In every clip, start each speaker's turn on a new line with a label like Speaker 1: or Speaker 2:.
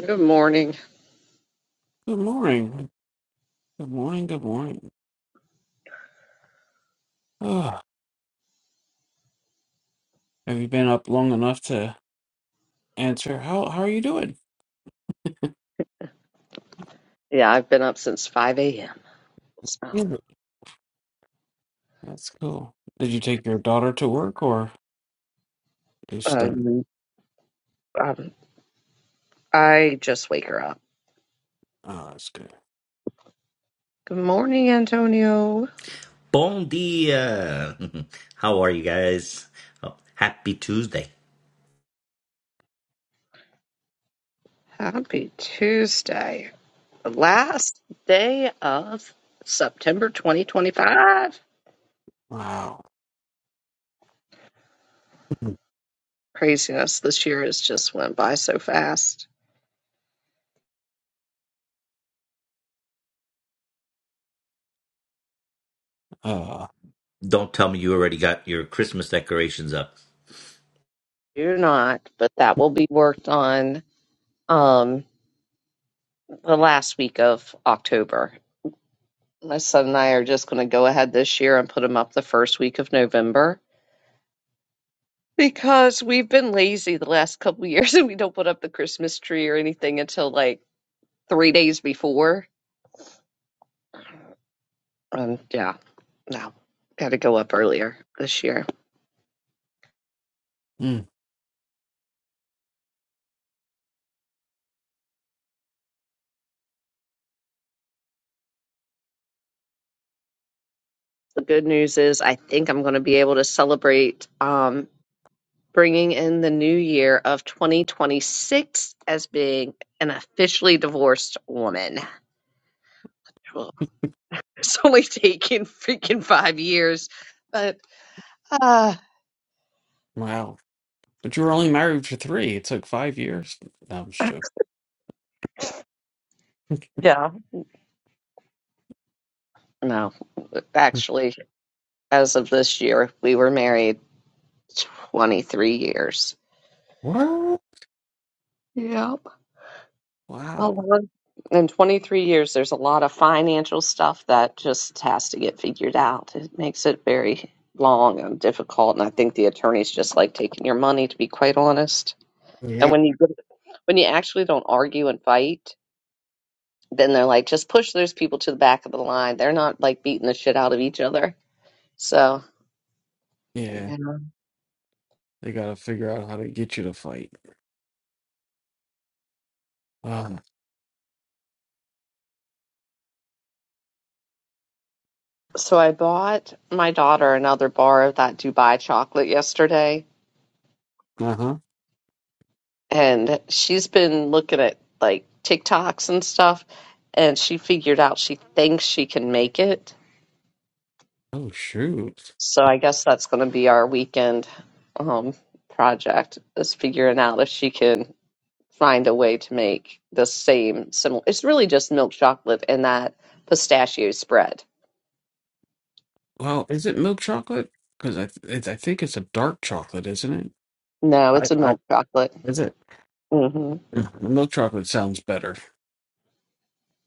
Speaker 1: Good morning.
Speaker 2: Good morning. Good morning. Good morning. Oh, have you been up long enough to answer? How how are you doing?
Speaker 1: Yeah, I've been up since 5 a.m. So,
Speaker 2: Yeah. That's cool. Did you take your daughter to work or just
Speaker 1: uh,
Speaker 2: uh
Speaker 1: um, I just wake her up.
Speaker 2: oh that's good.
Speaker 1: Good morning, Antonio.
Speaker 3: Bon dia. How are you guys? Oh, happy Tuesday.
Speaker 1: Happy Tuesday. The last day of September 2025.
Speaker 2: Wow.
Speaker 1: Craziness. This year has just went by so fast.
Speaker 2: Uh
Speaker 3: Don't tell me you already got your Christmas decorations up.
Speaker 1: You're not, but that will be worked on um, the last week of October. My son and I are just going to go ahead this year and put them up the first week of November Because we've been lazy the last couple years and we don't put up the Christmas tree or anything until like three days before. Um, yeah, no, got to go up earlier this year.
Speaker 2: mm,
Speaker 1: The good news is I think I'm going to be able to celebrate um, bringing in the new year of 2026 as being an officially divorced woman. Well, It's only taken freaking five years, but uh,
Speaker 2: wow. But you were only married for three. It took five years. No, I'm just joking.
Speaker 1: yeah, no, actually. As of this year, we were married 23 years.
Speaker 2: What?
Speaker 1: Yep. A
Speaker 2: Wow.
Speaker 1: lot. In 23 years, there's a lot of financial stuff that just has to get figured out. It makes it very long and difficult. And I think the attorneys just like taking your money, to be quite honest. And
Speaker 2: Yep.
Speaker 1: when you get, when you actually don't argue and fight, then they're like, just push those people to the back of the line. They're not like beating the shit out of each other. So,
Speaker 2: Yeah.
Speaker 1: yeah.
Speaker 2: They gotta figure out how to get you to fight. Wow.
Speaker 1: So I bought my daughter another bar of that Dubai chocolate yesterday,
Speaker 2: Uh huh.
Speaker 1: and she's been looking at like TikToks and stuff, and she figured out she thinks she can make it.
Speaker 2: Oh shoot.
Speaker 1: So I guess that's going to be our weekend um, project is figuring out if she can find a way to make the same similar. It's really just milk chocolate and that pistachio spread.
Speaker 2: Well, is it milk chocolate? Because I th it's, I think it's a dark chocolate, isn't it?
Speaker 1: No,
Speaker 2: I,
Speaker 1: it's a
Speaker 2: I
Speaker 1: milk chocolate.
Speaker 2: is it?
Speaker 1: hmm
Speaker 2: Mm, Milk chocolate sounds better.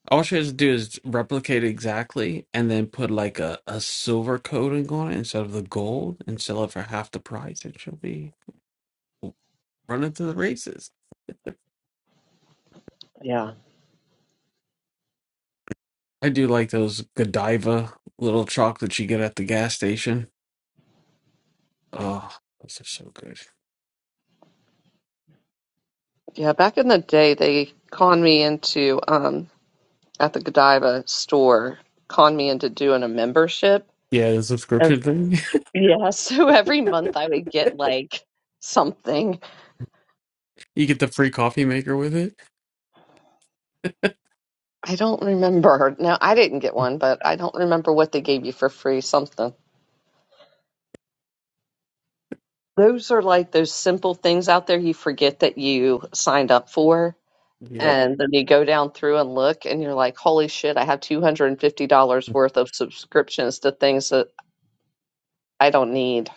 Speaker 2: All she has to do is replicate exactly and then put like a, a silver coating on it instead of the gold and sell it for half the price and she'll be running to the races.
Speaker 1: Yeah.
Speaker 2: I do like those Godiva little chocolates you get at the gas station. Oh, those are so good.
Speaker 1: Yeah, back in the day, they conned me into um at the Godiva store, conned me into doing a membership.
Speaker 2: Yeah, the
Speaker 1: And
Speaker 2: subscription thing.
Speaker 1: yeah, so every month I would get like something.
Speaker 2: You get the free coffee maker with it.
Speaker 1: I don't remember. Now I didn't get one, but I don't remember what they gave you for free, something. Those are like those simple things out there you forget that you signed up for.
Speaker 2: Yep.
Speaker 1: And then you go down through and look, and you're like, holy shit, I have $250 worth of subscriptions to things that I don't need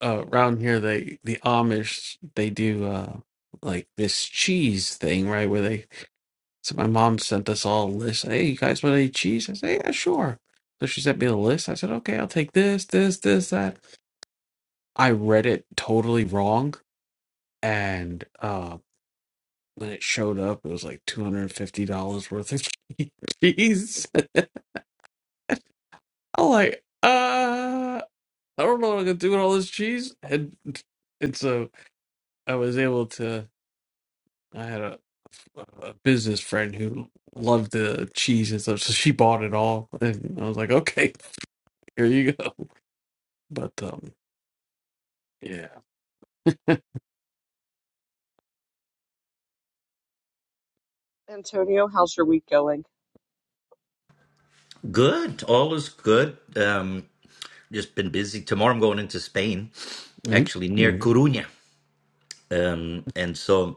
Speaker 2: uh, around here they the Amish they do uh like this cheese thing, right? Where they so my mom sent us all a list. Hey, you guys want to eat cheese? I said, yeah, sure. So she sent me the list. I said, okay, I'll take this, this, this, that. I read it totally wrong, and uh, when it showed up, it was like two hundred and fifty dollars worth of cheese. I'm like, uh, I don't know what I'm gonna do with all this cheese, and and so I was able to. I had a, a business friend who loved the cheese and stuff, so she bought it all, and I was like, "Okay, here you go." But um, yeah.
Speaker 1: Antonio, how's your week going?
Speaker 3: Good. All is good. Um, just been busy. Tomorrow I'm going into Spain,
Speaker 2: mm
Speaker 3: actually near Coruña. Um, and so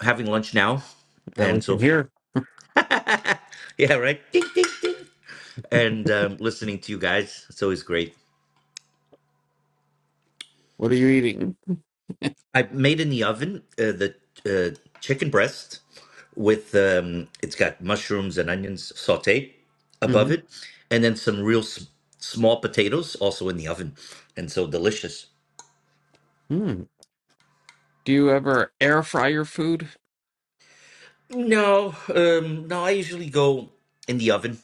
Speaker 3: having lunch now.
Speaker 2: Now we
Speaker 3: And
Speaker 2: can
Speaker 3: so,
Speaker 2: hear.
Speaker 3: yeah, right. Ding, ding. And um, listening to you guys. It's always great.
Speaker 2: What are you eating?
Speaker 3: I made in the oven uh, the uh, chicken breast with um, it's got mushrooms and onions sautéed above
Speaker 2: hmm
Speaker 3: it, and then some real s- small potatoes also in the oven, and so delicious.
Speaker 2: Mm. Do you ever air fry your food?
Speaker 3: No, um, no, I usually go in the oven,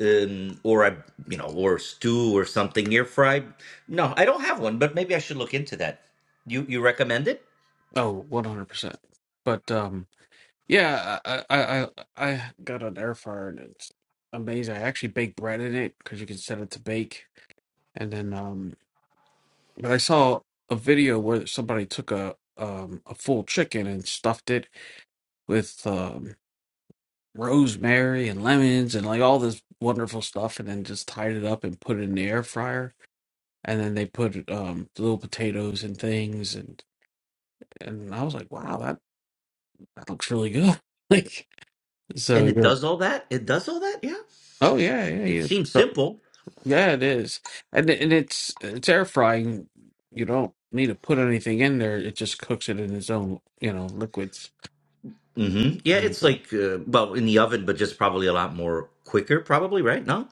Speaker 3: um, or I, you know, or stew or something air fried. No, I don't have one, but maybe I should look into that. You you recommend it,
Speaker 2: Oh, one hundred percent. But um, yeah, I, I I I got an air fryer and it's amazing. I actually bake bread in it because you can set it to bake, and then um. But I saw a video where somebody took a um a full chicken and stuffed it with um rosemary and lemons and like all this wonderful stuff and then just tied it up and put it in the air fryer and then they put um little potatoes and things and and I was like, wow, that that looks really good. Like so
Speaker 3: and it
Speaker 2: you're
Speaker 3: does all that. It does all that. Yeah,
Speaker 2: oh yeah, yeah,
Speaker 3: it
Speaker 2: yeah.
Speaker 3: seems
Speaker 2: sure."
Speaker 3: simple.
Speaker 2: Yeah, it is. And and it's it's air frying. You don't need to put anything in there. It just cooks it in its own, you know, liquids.
Speaker 3: hmm Yeah, it's like uh, well in the oven, but just probably a lot more quicker, probably right? No,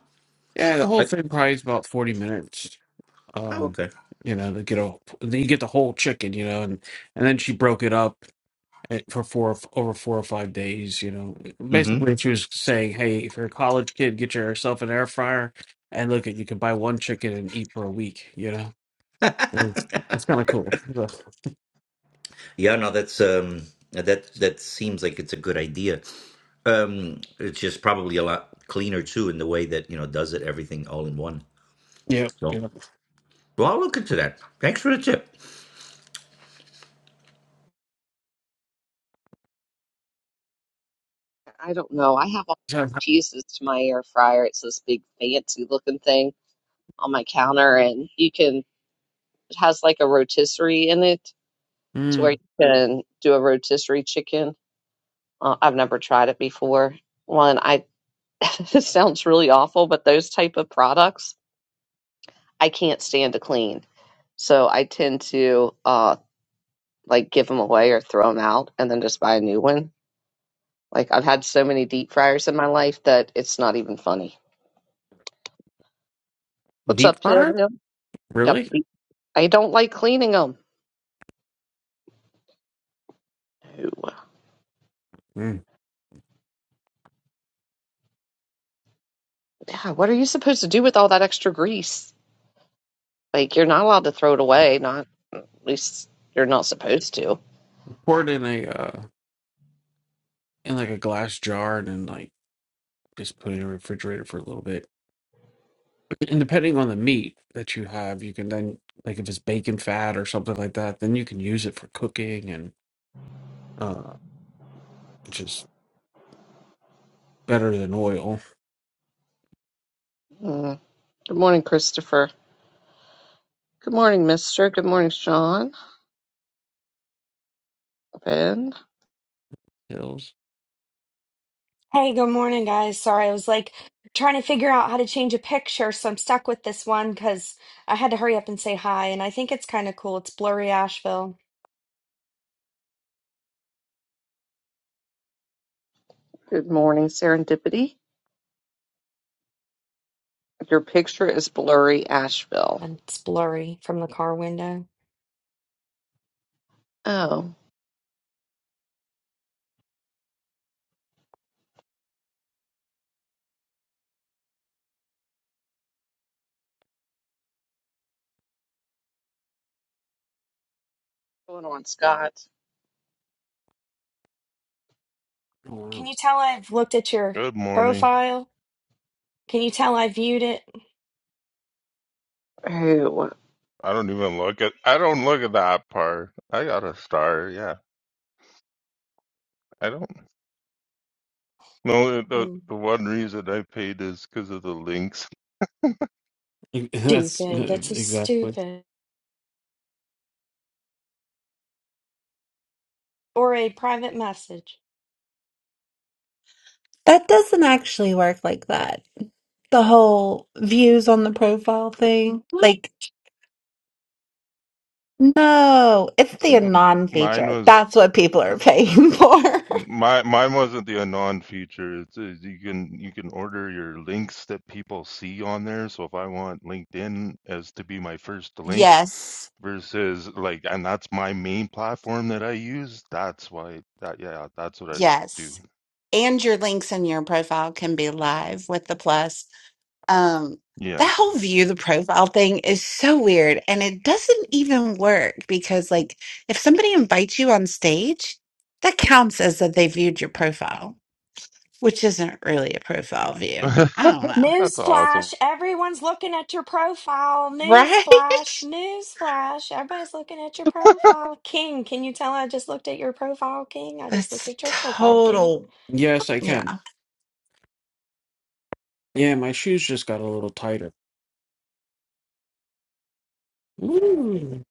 Speaker 2: Yeah, the whole
Speaker 3: I,
Speaker 2: thing probably is about forty minutes.
Speaker 3: oh
Speaker 2: Um,
Speaker 3: okay.
Speaker 2: you know, to get a then you get the whole chicken, you know, and and then she broke it up at, for four of- over four or five days. You know,
Speaker 3: hmm
Speaker 2: basically she was saying, hey, if you're a college kid, get yourself an air fryer, and look at you can buy one chicken and eat for a week. You know, And it's it's kind of cool. Ugh.
Speaker 3: yeah, no, that's um, that that seems like it's a good idea. Um, it's just probably a lot cleaner too in the way that you know does it everything all in one.
Speaker 2: Yeah,
Speaker 3: So,
Speaker 2: you
Speaker 3: well, I'll look into that. Thanks for the tip.
Speaker 1: I don't know. I have all
Speaker 2: So,
Speaker 1: these pieces to my air fryer. It's this big fancy looking thing on my counter, and you can, it has like a rotisserie in it to where you
Speaker 2: Mm,
Speaker 1: can do a rotisserie chicken. Uh, I've never tried it before. One, I, this sounds really awful, but those type of products I can't stand to clean. So I tend to uh like give them away or throw them out and then just buy a new one. Like I've had so many deep fryers in my life that it's not even funny. What's
Speaker 2: deep
Speaker 1: up, Tim?
Speaker 2: fryer,
Speaker 1: Yep. Yep.
Speaker 2: really?
Speaker 1: I don't like cleaning them. No.
Speaker 2: Mm.
Speaker 1: Yeah, what are you supposed to do with all that extra grease? Like, you're not allowed to throw it away. Not, at least you're not supposed to.
Speaker 2: Pour it in a uh, in like a glass jar and then like just put it in the refrigerator for a little bit And depending on the meat that you have, you can then like if it's bacon fat or something like that, then you can use it for cooking and uh which is better than oil.
Speaker 1: Mm. Good morning, Christopher. Good morning, Mister. Good morning, Sean. Ben.
Speaker 2: Hills.
Speaker 4: Hey, good morning, guys. Sorry, I was like trying to figure out how to change a picture, so I'm stuck with this one because I had to hurry up and say hi. And I think it's kind of cool. It's blurry Asheville,
Speaker 1: Good morning, Serendipity. Your picture is blurry, Asheville.
Speaker 4: and it's blurry from the car window.
Speaker 1: Oh. Going on, Scott.
Speaker 4: Can
Speaker 2: Oh,
Speaker 4: you tell I've looked at your
Speaker 5: Good morning.
Speaker 4: profile? Can you tell I viewed it?
Speaker 1: Oh.
Speaker 5: I don't even look at. I don't look at the app part. I got a star. Yeah, I don't. No, the
Speaker 4: Mm,
Speaker 5: the one reason I paid is because of the links.
Speaker 2: Wow. That's
Speaker 4: Stupid.
Speaker 2: uh,
Speaker 4: That's so
Speaker 2: exactly.
Speaker 4: stupid. Or a private message.
Speaker 6: That doesn't actually work like that. The whole views on the profile thing. What? Like, no, it's the
Speaker 5: M-
Speaker 6: anon
Speaker 5: Mine
Speaker 6: feature.
Speaker 5: was
Speaker 6: That's what people are paying for.
Speaker 5: my mine wasn't the anon feature. It's, it's you can you can order your links that people see on there. So if I want LinkedIn as to be my first link
Speaker 6: Yes,
Speaker 5: versus like, and that's my main platform that I use. That's why that yeah, that's what I do.
Speaker 6: yes. And your links in your profile can be live with the plus. Um, that
Speaker 5: Yes,
Speaker 6: whole view the profile thing is so weird and it doesn't even work because like if somebody invites you on stage, that counts as that they viewed your profile. which isn't really a profile view. I don't know.
Speaker 5: that's awesome.
Speaker 4: Newsflash, everyone's looking at your profile.
Speaker 6: Right?
Speaker 4: Newsflash, newsflash, everybody's looking at your profile. King, can you tell I just looked at your profile, King? I just looked
Speaker 6: That's
Speaker 4: at your profile, King.
Speaker 6: total.
Speaker 2: Yes, I
Speaker 6: Yeah.
Speaker 2: can. Yeah, my shoes just got a little tighter. Ooh.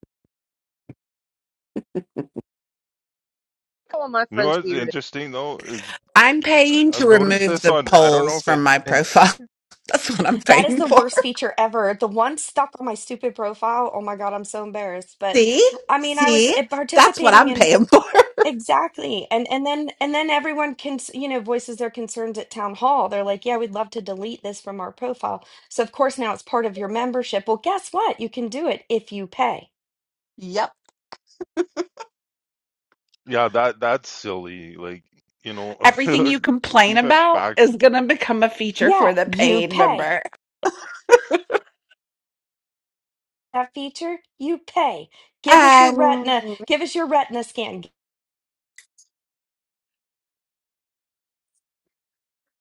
Speaker 1: Calling my
Speaker 5: You know
Speaker 1: friends
Speaker 5: what's
Speaker 1: weird.
Speaker 5: interesting though is
Speaker 6: I'm paying to
Speaker 5: I've noticed
Speaker 6: remove
Speaker 5: this
Speaker 6: the
Speaker 5: on I don't know
Speaker 6: polls
Speaker 5: if it
Speaker 6: from my profile. That's what I'm
Speaker 4: That is
Speaker 6: paying
Speaker 4: the
Speaker 6: for.
Speaker 4: worst feature ever. The one stuck on my stupid profile. Oh my God, I'm so embarrassed. But
Speaker 6: See?
Speaker 4: I mean, I was
Speaker 6: See?
Speaker 4: eh,
Speaker 6: That's what
Speaker 4: participating
Speaker 6: I'm
Speaker 4: in
Speaker 6: paying for.
Speaker 4: Exactly. And and then and then everyone can, s- you know, voices their concerns at town hall. They're like, "Yeah, we'd love to delete this from our profile." So of course now it's part of your membership. Well, guess what? You can do it if you pay.
Speaker 6: Yep.
Speaker 5: yeah that that's silly like you know
Speaker 6: Everything you complain
Speaker 5: leave it
Speaker 6: about
Speaker 5: back
Speaker 6: is going to become a feature for
Speaker 4: Yeah,
Speaker 6: the
Speaker 4: you
Speaker 6: paid
Speaker 4: pay.
Speaker 6: member.
Speaker 4: That feature, you pay. Give us your
Speaker 6: Um,
Speaker 4: retina, give us your retina scan.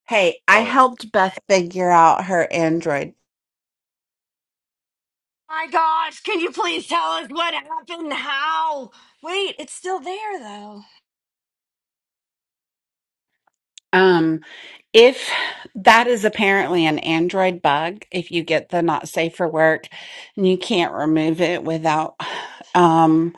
Speaker 6: hey, I
Speaker 5: on
Speaker 6: helped Beth figure out her Android
Speaker 4: My gosh, can you please tell us what happened? How? Wait, it's still there though.
Speaker 6: Um, if that is apparently an Android bug, if you get the not safe for work and you can't remove it without um,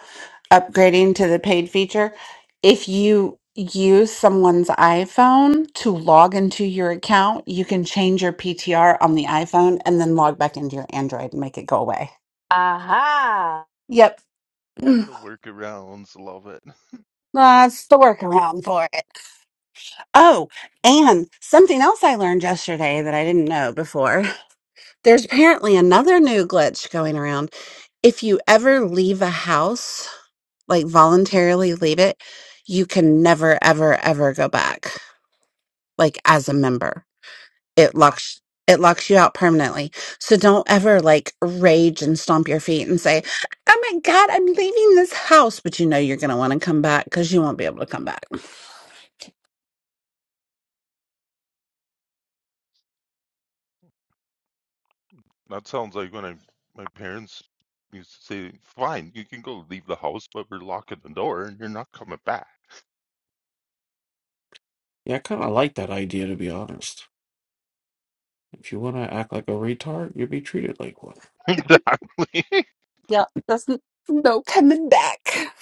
Speaker 6: upgrading to the paid feature, if you use someone's iPhone to log into your account, you can change your PTR on the iPhone and then log back into your Android and make it go away.
Speaker 4: Aha.
Speaker 6: Yep. Mm.
Speaker 5: the workarounds love it
Speaker 6: That's the workaround for it. Oh, and something else I learned yesterday that I didn't know before. There's apparently another new glitch going around. If you ever leave a house, like voluntarily leave it, you can never, ever, ever go back. Like as a member, it locks it locks you out permanently. So don't ever like rage and stomp your feet and say, "Oh my God, I'm leaving this house," but you know you're gonna want to come back because you won't be able to come back.
Speaker 5: that sounds like when I my parents used to say fine you can go leave the house but we're locking the door and you're not coming back
Speaker 2: Yeah, I kind of like that idea to be honest. If you want to act like a retard, you'll be treated like one.
Speaker 5: exactly
Speaker 6: Yep, there's n- no coming back.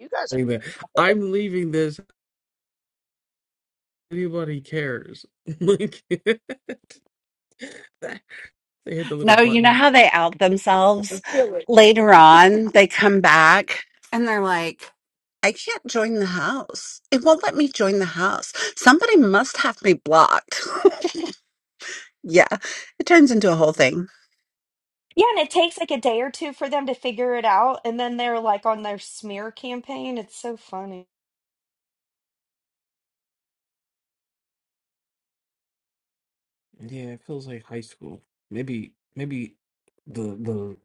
Speaker 1: You guys,
Speaker 2: Like that. I'm leaving this. Anybody cares?
Speaker 6: No, you know how they out themselves later on? They come back and they're like, I can't join the house. It won't let me join the house. Somebody must have me blocked. yeah, it turns into a whole thing.
Speaker 4: Yeah, and it takes like a day or two for them to figure it out, and then they're like on their smear campaign. It's so funny.
Speaker 2: Yeah, it feels like high school. Maybe maybe the the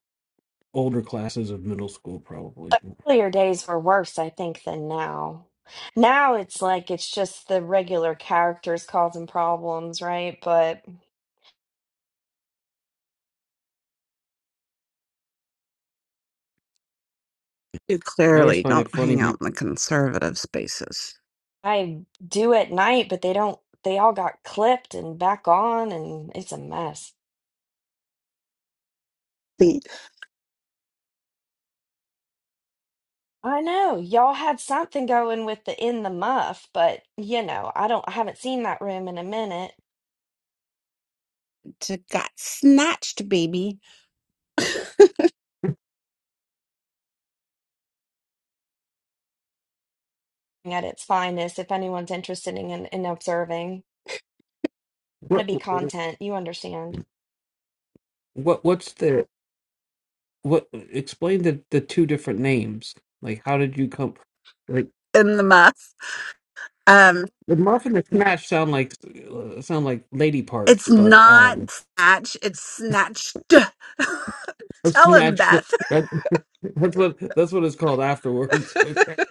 Speaker 2: older classes of middle school probably.
Speaker 4: Earlier days were worse, I think, than now. Now it's like it's just the regular characters causing problems, right? But
Speaker 6: You
Speaker 2: I always
Speaker 6: clearly
Speaker 2: find it
Speaker 6: don't
Speaker 2: funny.
Speaker 6: hang
Speaker 2: you-
Speaker 6: out in the conservative spaces.
Speaker 4: I do at night, but they don't, they all got clipped and back on, and it's a mess.
Speaker 6: They
Speaker 4: I know y'all had something going with the in the muff, but you know, I don't, I haven't seen that room in a minute
Speaker 6: got snatched, baby,
Speaker 4: at its finest if anyone's interested in, in observing. to
Speaker 2: What
Speaker 4: be content. You understand.
Speaker 2: what what's the what? Explain the the two different names. Like, how did you come? Like
Speaker 6: in the mess.
Speaker 2: the muffin and smash sound like uh, sound like lady parts,
Speaker 6: It's
Speaker 2: but
Speaker 6: not
Speaker 2: um,
Speaker 6: snatch, it's snatched.
Speaker 2: a
Speaker 6: Tell him,
Speaker 2: snatch that,
Speaker 6: Beth.
Speaker 2: that's what that's what it's called afterwards.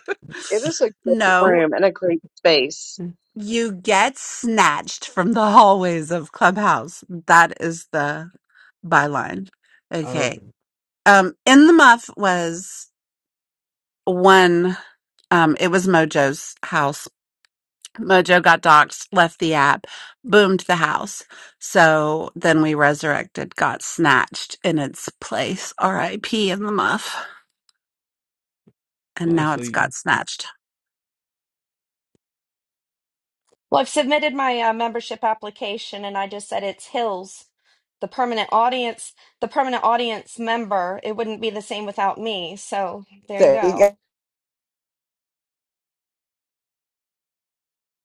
Speaker 1: it is a great
Speaker 6: no,
Speaker 1: room and a great space.
Speaker 6: you get snatched from the hallways of Clubhouse. That is the byline.
Speaker 2: Oh,
Speaker 6: Okay.
Speaker 2: okay.
Speaker 6: Um, in the muff was one. Um, it was Mojo's house. Mojo got doxxed, left the app, boomed the house. So then we resurrected, got snatched in its place. R.I.P. in the muff. and
Speaker 2: Oh,
Speaker 6: now
Speaker 2: so
Speaker 6: it's
Speaker 2: you.
Speaker 6: got snatched.
Speaker 4: Well, I've submitted my uh, membership application and I just said it's Hills, the permanent audience, the permanent audience member. It wouldn't be the same without me. So there you
Speaker 6: There you go.
Speaker 4: go.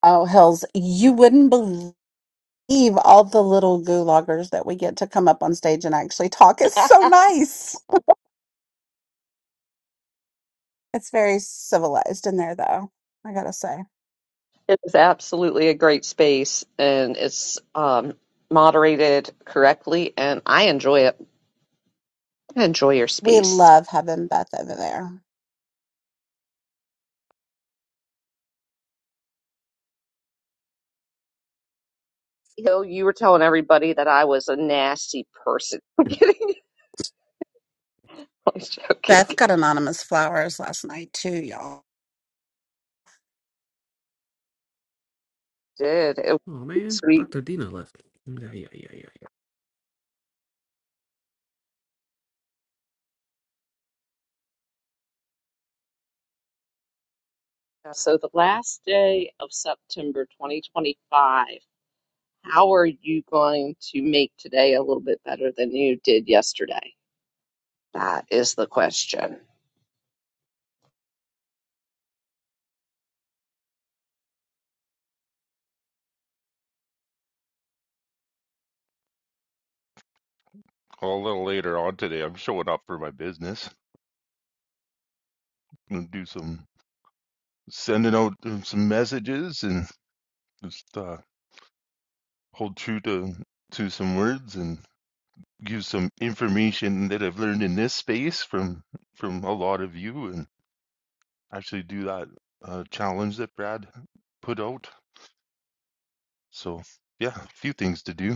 Speaker 6: Oh, hells. You wouldn't believe all the little gulaggers that we get to come up on stage and actually talk. It's so nice. It's very civilized in there, though, I gotta say.
Speaker 1: It is absolutely a great space and it's um, moderated correctly, and I enjoy it. I enjoy your
Speaker 6: We
Speaker 1: space.
Speaker 6: love having Beth over there.
Speaker 1: You know, you were telling everybody that I was a nasty person. I'm kidding. I'm joking.
Speaker 6: Beth got anonymous flowers last night, too, y'all.
Speaker 1: did. It was
Speaker 2: Oh man,
Speaker 1: sweet.
Speaker 2: Dr. Dina left. Yeah, yeah, yeah, yeah.
Speaker 1: Yeah, So, the last day of September 2025, how are you going to make today a little bit better than you did yesterday? That is the question.
Speaker 5: Well, a little later on today I'm showing up for my business and do some sending out uh, some messages and just uh, hold true to to some words and. give some information that I've learned in this space from from a lot of you and actually do that uh, challenge that Brad put out. So yeah, a few things to do.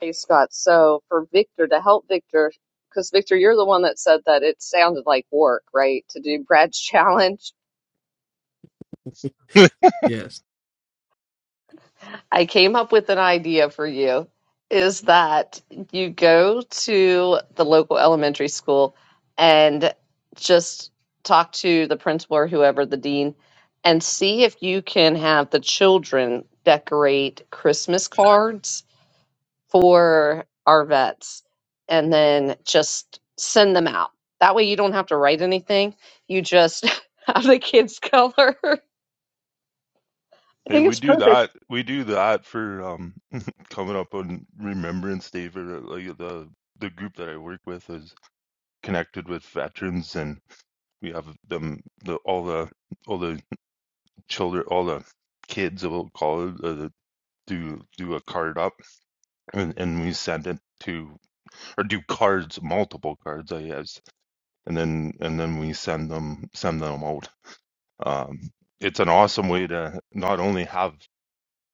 Speaker 1: Hey Scott, so for Victor to help Victor, because Victor, you're the one that said that it sounded like work, right? To do Brad's challenge.
Speaker 5: hey,
Speaker 2: yeah.
Speaker 1: I came up with an idea for you is that you go to the local elementary school and just talk to the principal or whoever, the dean, and see if you can have the children decorate Christmas cards for our vets and then just send them out. That way you don't have to write anything. You just have the kids color. I think
Speaker 5: we
Speaker 1: it's
Speaker 5: do
Speaker 1: perfect.
Speaker 5: that. We do that for um coming up on Remembrance Day for uh, like the the group that I work with is connected with veterans and we have them the all the all the children all the kids we'll call it uh, do do a card up and, and we send it to or do cards, multiple cards, I guess, and then and then we send them send them out. Um, it's an awesome way to not only have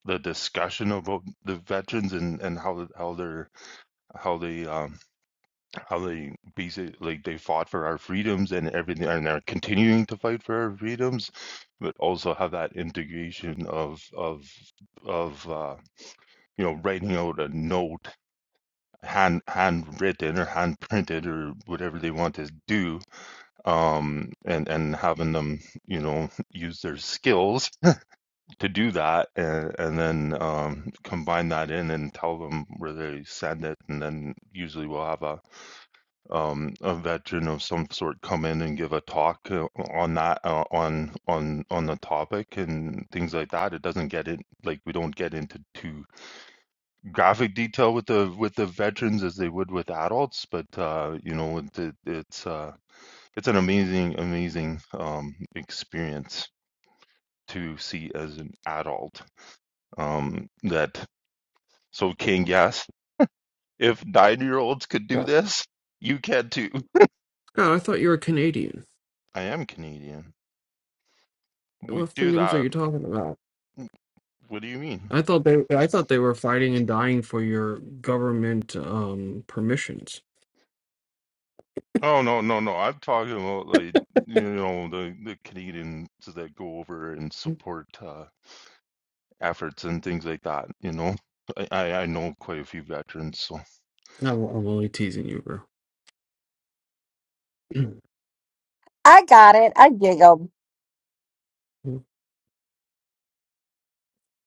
Speaker 5: the discussion about the veterans and and how how they're how they um how they basically like they fought for our freedoms and everything and they're continuing to fight for our freedoms but also have that integration of of of uh you know writing out a note hand handwritten or hand printed or whatever they want to do um, and and having them, you know, use their skills to do that, and, and then um, combine that in and tell them where they send it, and then usually we'll have a um, a veteran of some sort come in and give a talk uh, on that uh, on on on the topic and things like that. It doesn't get it like we don't get into too graphic detail with the with the veterans as they would with adults, but uh, you know, it- it's. Uh, it's an amazing, amazing um, experience to see as an adult. Um, that so, King, yes, if nine-year-olds could
Speaker 2: Yes.
Speaker 5: do this, you can too.
Speaker 2: Oh, I thought you were Canadian.
Speaker 5: I am Canadian. We
Speaker 2: What
Speaker 5: do
Speaker 2: freedoms are
Speaker 5: that.
Speaker 2: you talking about?
Speaker 5: What do you mean?
Speaker 2: I thought they I thought they were fighting and dying for your government um permissions.
Speaker 5: Oh no, no, no. I'm talking about like you know the the Canadians that go over and
Speaker 2: I'm,
Speaker 5: support uh, efforts and things like that. You know, I I I know quite a few veterans, so.
Speaker 2: I'm only teasing you, bro.
Speaker 6: I-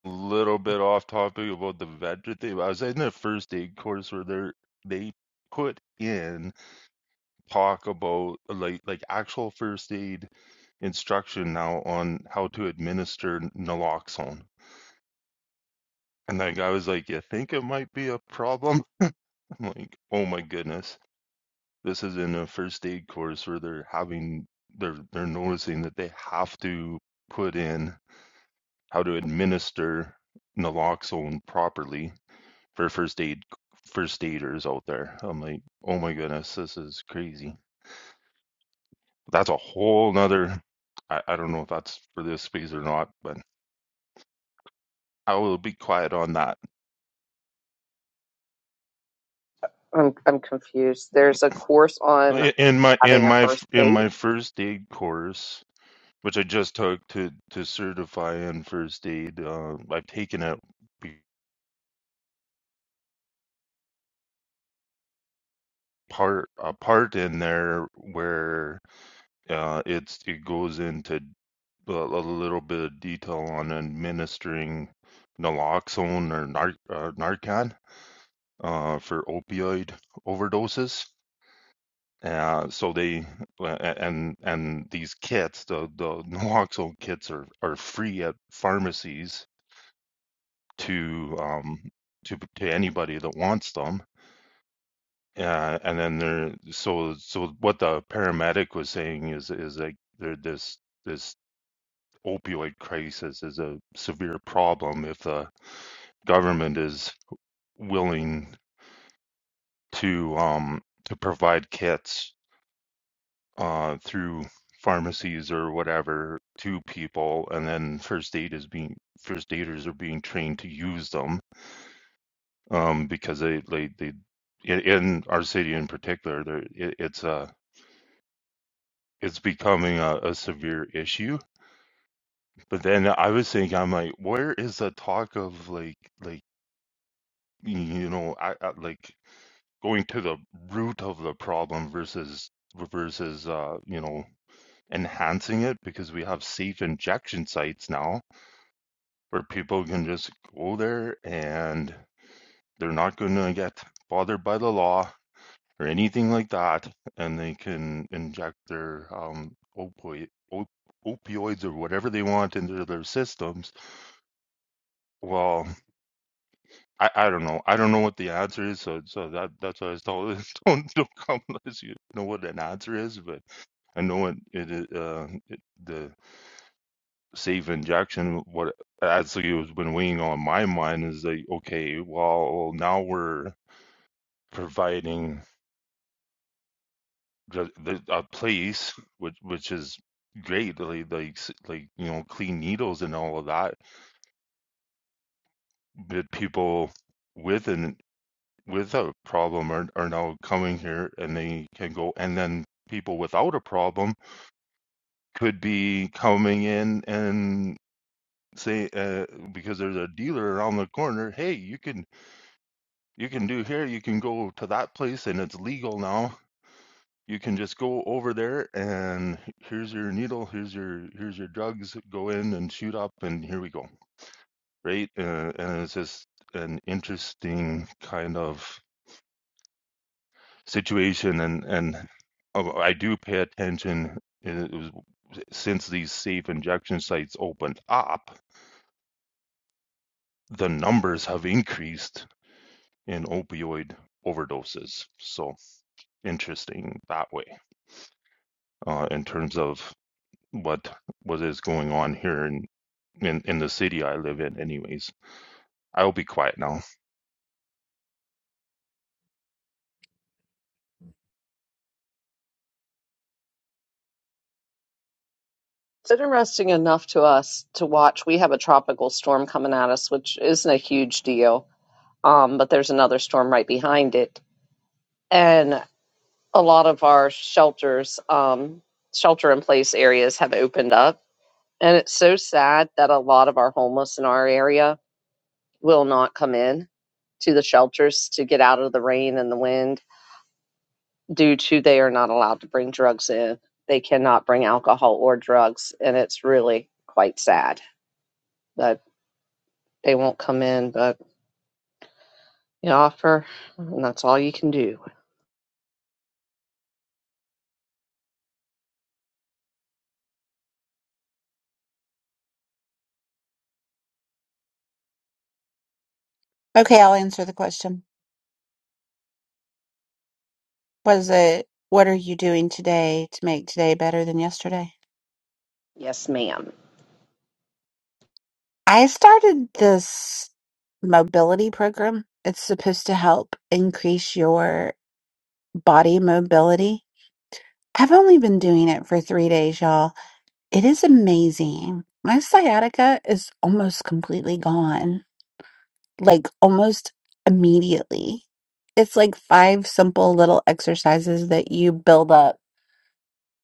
Speaker 5: little bit off topic about the vegetable. I was in the first aid course where they they put in talk about like like actual first aid instruction now on how to administer naloxone. And that guy was like, "You think it might be a problem?" I'm like, "Oh my goodness, this is in a first aid course where they're having they're they're noticing that they have to put in how to administer naloxone properly." for first aid first aiders out there. I'm like, oh my goodness, this is crazy. That's a whole nother I, I don't know if that's for this space or not, but I will be quiet on that.
Speaker 1: I'm I'm confused. There's a course on
Speaker 5: In my in
Speaker 1: having a
Speaker 5: my
Speaker 1: first
Speaker 5: in
Speaker 1: date.
Speaker 5: my first aid course, which I just took to to certify in first aid, uh, I've taken a p- part a part in there where Uh, it's it goes into a, a little bit of detail on administering naloxone or nar uh, Narcan uh, for opioid overdoses. Uh, so they uh, and and these kits, the the naloxone kits are are free at pharmacies to um to to anybody that wants them. Uh, and then there, so so what the paramedic was saying is is like there this this opioid crisis is a severe problem if the government is willing to um, to provide kits uh, through pharmacies or whatever to people, and then first aid is being first aiders are being trained to use them um, because they they, they in in our city in particular, there it, it's a it's becoming a, a severe issue. But then I was thinking, I'm like, where is the talk of like like you know, I, I like going to the root of the problem versus versus uh, you know enhancing it because we have safe injection sites now where people can just go there and they're not going to get bothered by the law or anything like that and they can inject their um opioid op- opioids or whatever they want into their systems well I, I don't know. I don't know what the answer is, so so that that's why I was told. Don't don't come unless you know what an answer is. But I know what it is. Uh, it, the safe injection. What actually has been weighing on my mind is like, okay, well, well now we're providing the, the, a place which which is great, like like s- like you know, clean needles and all of that. But people with an without problem are, are now coming here and they can go and then people without a problem could be coming in and say uh, because there's a dealer around the corner hey you can you can do here you can go to that place and it's legal now you can just go over there and here's your needle here's your here's your drugs go in and shoot up and here we go right uh, and it's just an interesting kind of situation and and oh, I do pay attention uh, it was, since these safe injection sites opened up the numbers have increased in opioid overdoses so interesting that way uh, in terms of what what is going on here in, in in the city I live in anyways I'll be quiet now
Speaker 1: It's interesting enough to us to watch. We have a tropical storm coming at us, which isn't a huge deal. Um, but there's another storm right behind it. And a lot of our shelters, um, shelter in place areas have opened up And it's so sad that a lot of our homeless in our area will not come in to the shelters to get out of the rain and the wind due to they are not allowed to bring drugs in. They cannot bring alcohol or drugs. And it's really quite sad that they won't come in, but you offer, and that's all you can do.
Speaker 6: okay, I'll answer the question. Was it, what are you doing today to make today better than yesterday?
Speaker 1: Yes, ma'am.
Speaker 6: I started this mobility program. It's supposed to help increase your body mobility. I've only been doing it for three days, y'all. It is amazing. My sciatica is almost completely gone, like almost immediately. It's like five simple little exercises that you build up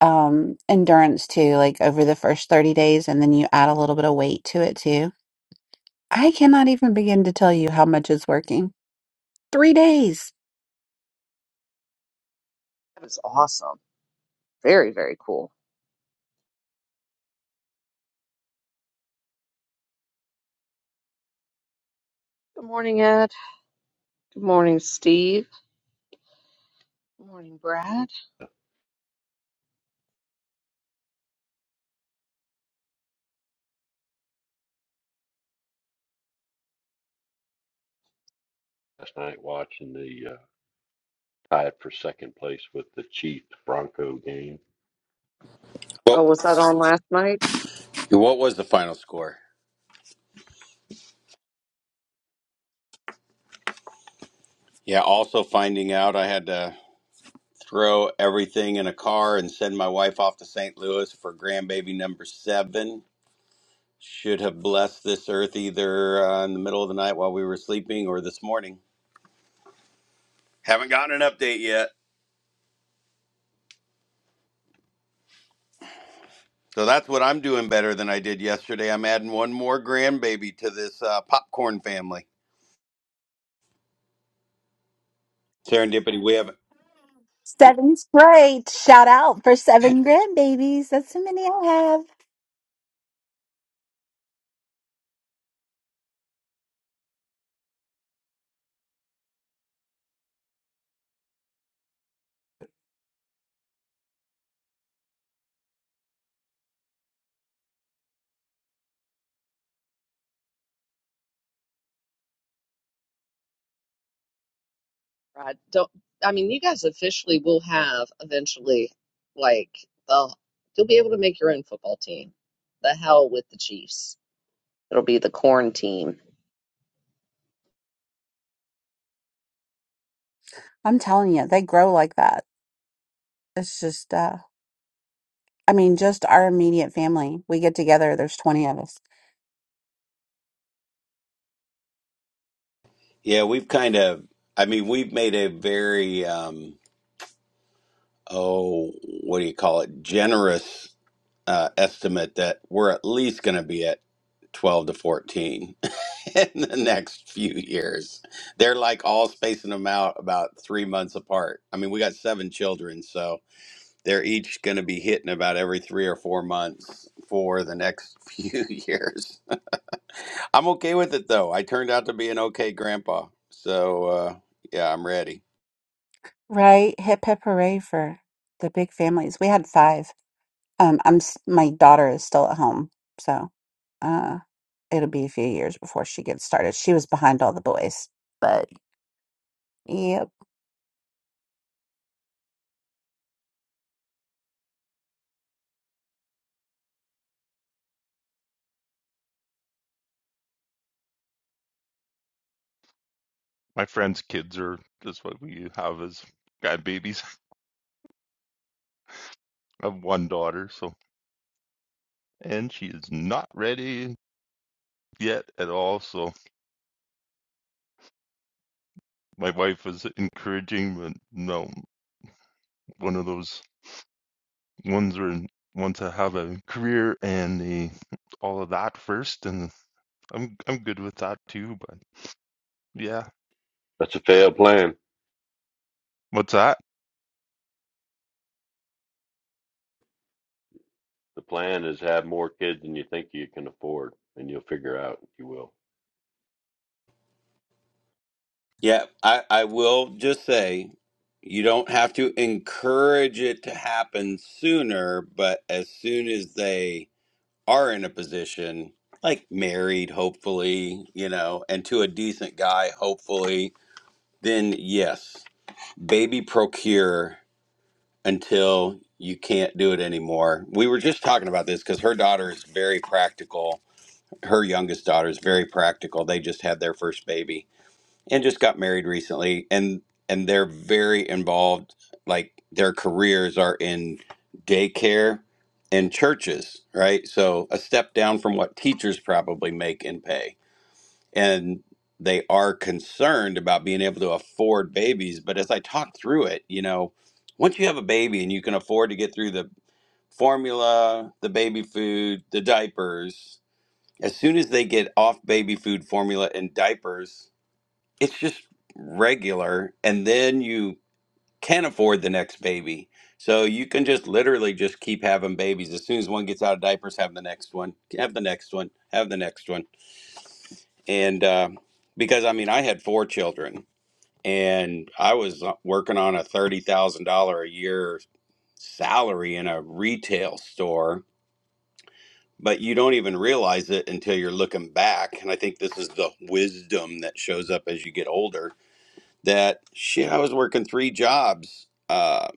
Speaker 6: um, endurance to, like over the first 30 days, and then you add a little bit of weight to it too. I cannot even begin to tell you how much is working. Three days.
Speaker 1: That was awesome. Very, very cool. Good morning, Ed. Good morning, Steve. Good morning, Brad.
Speaker 7: last night watching the uh, tied for second place with the Chiefs Bronco game.
Speaker 8: Well,
Speaker 1: Oh, was that on last night?
Speaker 8: what was the final score? Yeah, also finding out I had to throw everything in a car and send my wife off to St. Louis for grandbaby number seven. Should have blessed this earth either uh, in the middle of the night while we were sleeping or this morning. Haven't gotten an update yet. So that's what I'm doing better than I did yesterday. I'm adding one more grandbaby to this uh, popcorn family. Serendipity, we have,
Speaker 6: seven grade. Shout out for seven grandbabies. That's how many I have.
Speaker 1: Right? don't, I mean, you guys officially will have eventually, like, the, you'll be able to make your own football team. The hell with the Chiefs. It'll be the corn team.
Speaker 6: I'm telling you, they grow like that. It's just, uh, I mean, just our immediate family. We get together, there's 20 of us,
Speaker 8: yeah, we've kind of, I mean, we've made a very, um, oh, what do you call it? Generous uh, estimate that we're at least going to be at 12 to 14 in the next few years. They're like all spacing them out about three months apart. I mean, we got seven children, so they're each going to be hitting about every three or four months for the next few years. I'm okay with it though. I turned out to be an okay grandpa. So, uh, yeah, I'm ready.
Speaker 6: right? Hip hip hooray for the big families. We had five. Um, I'm, s- my daughter is still at home. So, uh, it'll be a few years before she gets started. She was behind all the boys, but yep.
Speaker 5: my friends kids are just what we have as grandbabies I have one daughter so and she is not ready yet at all. So my wife was encouraging, but no, one of those ones where want to have a career and the all of that first, and I'm I'm good with that too. But yeah,
Speaker 7: That's a failed plan.
Speaker 5: what's that?
Speaker 7: The plan is have more kids than you think you can afford, and you'll figure out if you will.
Speaker 8: Yeah, I, I will just say you don't have to encourage it to happen sooner, but as soon as they are in a position, like married, hopefully, you know, and to a decent guy, hopefully, then yes, baby procure until you can't do it anymore. We were just talking about this because her daughter is very practical. Her youngest daughter is very practical. They just had their first baby and just got married recently and and they're very involved like their careers are in daycare and churches right so a step down from what teachers probably make in pay and they are concerned about being able to afford babies but as i talked through it you know once you have a baby and you can afford to get through the formula the baby food the diapers as soon as they get off baby food formula and diapers it's just regular and then you can afford the next baby so you can just literally just keep having babies as soon as one gets out of diapers have the next one have the next one have the next one and uh, because i mean i had four children and i was uh, working on a $30000 a year salary in a retail store but you don't even realize it until you're looking back and i think this is the wisdom that shows up as you get older that shit i was working three jobs uh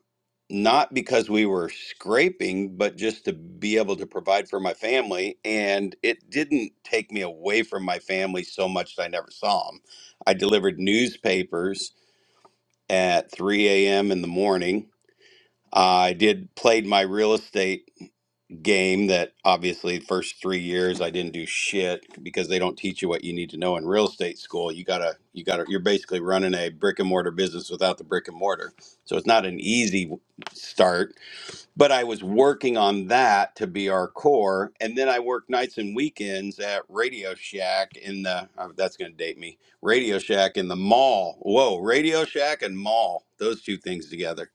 Speaker 8: not because we were scraping but just to be able to provide for my family and it didn't take me away from my family so much that i never saw them i delivered newspapers at 3 a.m in the morning i did played my real estate game that obviously first three years I didn't do shit because they don't teach you what you need to know in real estate school. You gotta you gotta you're basically running a brick and mortar business without the brick and mortar. So it's not an easy w- start. But I was working on that to be our core. And then I worked nights and weekends at Radio Shack in the oh, that's gonna date me. Radio Shack in the mall. Whoa, Radio Shack and mall. Those two things together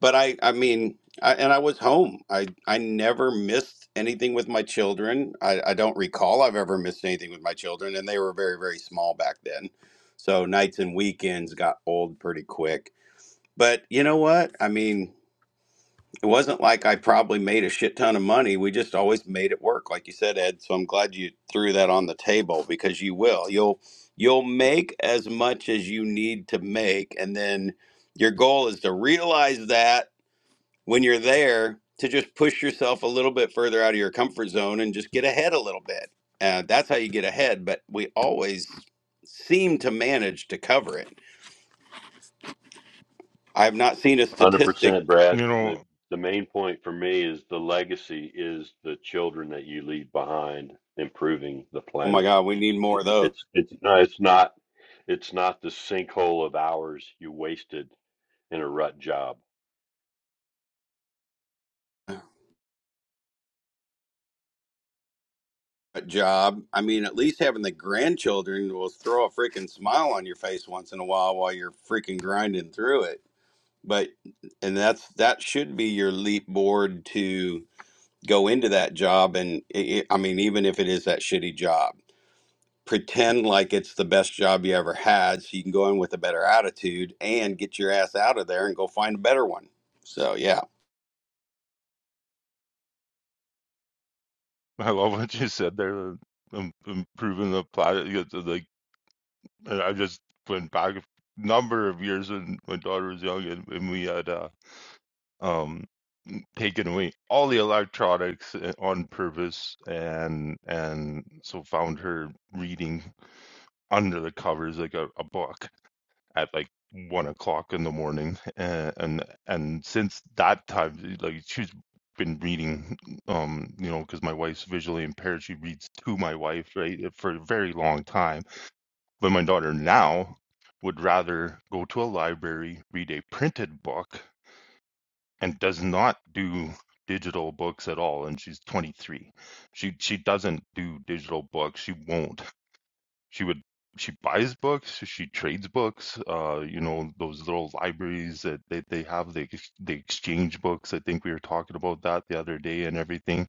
Speaker 8: but I I mean I, and I was home. I I never missed anything with my children. I, I don't recall I've ever missed anything with my children, and they were very very small back then. So nights and weekends got old pretty quick. But you know what? I mean, it wasn't like I probably made a shit ton of money. We just always made it work, like you said, Ed. So I'm glad you threw that on the table because you will. You'll you'll make as much as you need to make, and then your goal is to realize that when you're there to just push yourself a little bit further out of your comfort zone and just get ahead a little bit. Uh, that's how you get ahead, but we always seem to manage to cover it. I have not seen a statistic.
Speaker 7: 100%, Brad.
Speaker 5: You
Speaker 7: The
Speaker 5: know,
Speaker 7: the main point for me is the legacy is the children that you leave behind improving the
Speaker 8: Oh my
Speaker 7: planet.
Speaker 8: God, we need more of those.
Speaker 7: It's it's no, it's not it's not the sinkhole of hours you wasted in a rut job.
Speaker 8: A job. I mean, at least having the grandchildren will throw a freaking smile on your face once in a while while you're freaking grinding through it. But, and that's, that should be your leap board to go into that job. And it, it- I mean, even if it is that shitty job pretend like it's the best job you ever had so you can go in with a better attitude and get your ass out of there and go find a better one so yeah
Speaker 5: I love what you said there. um, Improving the planet, you know, like I just went back a number of years when my daughter was young, and, and we had a um taken away all the electronics uh, on purpose and and so found her reading under the covers like a, a book at like one o'clock in the morning and, and and since that time like she's been reading um you know because my wife's visually impaired she reads to my wife right eh, for a very long time but my daughter now would rather go to a library read a printed book and does not do digital books at all and she's 23 she she doesn't do digital books she won't she would she buys books she trades books uh you know those little libraries that they, they have the, ex- the exchange books i think we were talking about that the other day and everything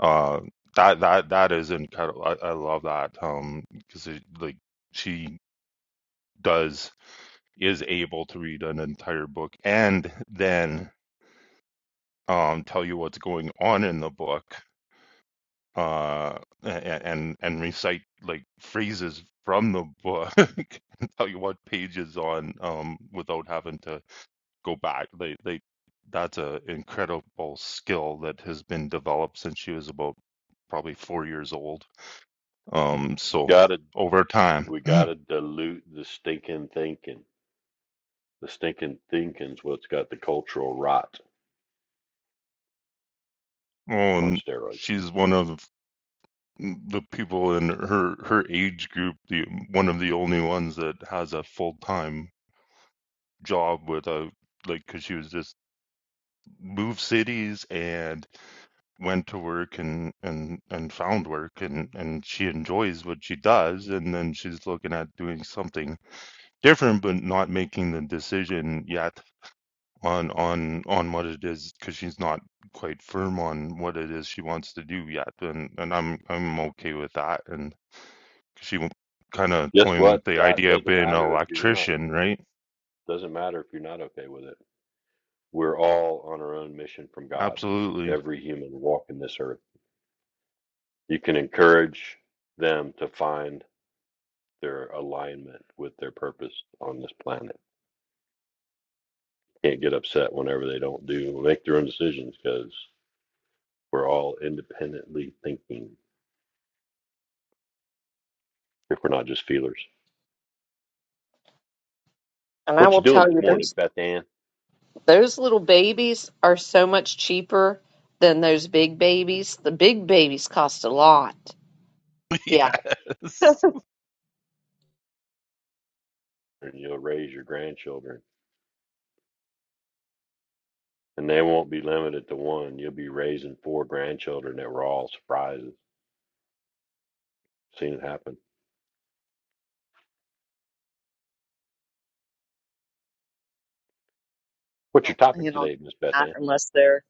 Speaker 5: uh that that that is incredible i, I love that um because like she does is able to read an entire book and then um, tell you what's going on in the book, uh, and, and and recite like phrases from the book, and tell you what page is on, um, without having to go back. They they that's an incredible skill that has been developed since she was about probably four years old. Um, so
Speaker 7: Gotta
Speaker 5: over time,
Speaker 7: we gotta dilute the stinking thinking. The stinking thinking's what's got the cultural rot
Speaker 5: oh,
Speaker 7: on
Speaker 5: and
Speaker 7: steroids.
Speaker 5: she's one of the people in her her age group, the one of the only ones that has a full time job with a like because she was just moved cities and went to work and and and found work and and she enjoys what she does and then she's looking at doing something different but not making the decision yet on on on what it is because she's not quite firm on what it is she wants to do yet and and I'm I'm okay with that and she kind of
Speaker 7: Guess
Speaker 5: toying with
Speaker 7: what,
Speaker 5: the
Speaker 7: Scott?
Speaker 5: idea of
Speaker 7: Doesn't
Speaker 5: being an
Speaker 7: matter if you're not.
Speaker 5: electrician right
Speaker 7: Doesn't matter if you're not okay with it. We're all on our own mission from God.
Speaker 5: absolutely
Speaker 7: Every human walking this earth. You can encourage them to find their alignment with their purpose on this planet. Can't get upset whenever they don't do make their own decisions because we're all independently thinking if we're not just feelers.
Speaker 1: And I
Speaker 7: What
Speaker 1: will
Speaker 7: you doing
Speaker 1: tell
Speaker 7: this
Speaker 1: you,
Speaker 7: morning,
Speaker 1: those
Speaker 7: Beth Ann?
Speaker 1: those little babies are so much cheaper than those big babies. The big babies cost a lot. Yeah,
Speaker 5: yes
Speaker 7: And you'll raise your grandchildren And they won't be limited to one. You'll be raising four grandchildren that were all surprises. Seen it happen.
Speaker 1: I
Speaker 7: What's your
Speaker 1: don't,
Speaker 7: topic
Speaker 1: you know,
Speaker 7: today, Miss Beth
Speaker 1: not
Speaker 7: Ann?
Speaker 1: unless they're.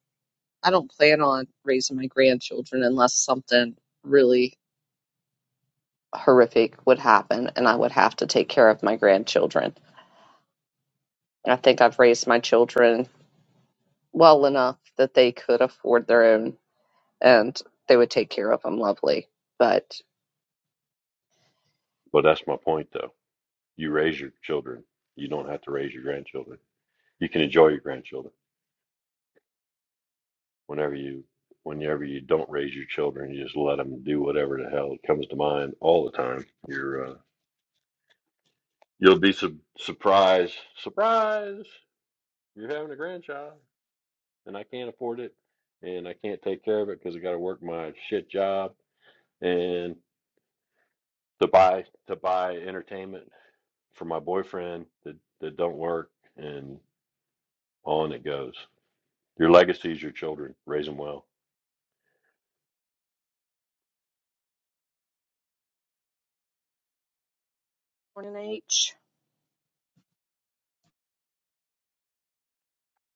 Speaker 1: I don't plan on raising my grandchildren unless something really. horrific would happen and I would have to take care of my grandchildren. And I think I've raised my children well enough that they could afford their own and they would take care of them lovely. But
Speaker 7: Well, that's my point, though. You raise your children. You don't have to raise your grandchildren. You can enjoy your grandchildren whenever you, whenever you don't raise your children. You just let them do whatever the hell comes to mind all the time. You're, uh, you'll be su- surprised, surprise. You're having a grandchild, and I can't afford it, and I can't take care of it because I got to work my shit job and to buy to buy entertainment for my boyfriend that that don't work and on it goes. Your legacy is your children. Raise them well.
Speaker 1: morning H,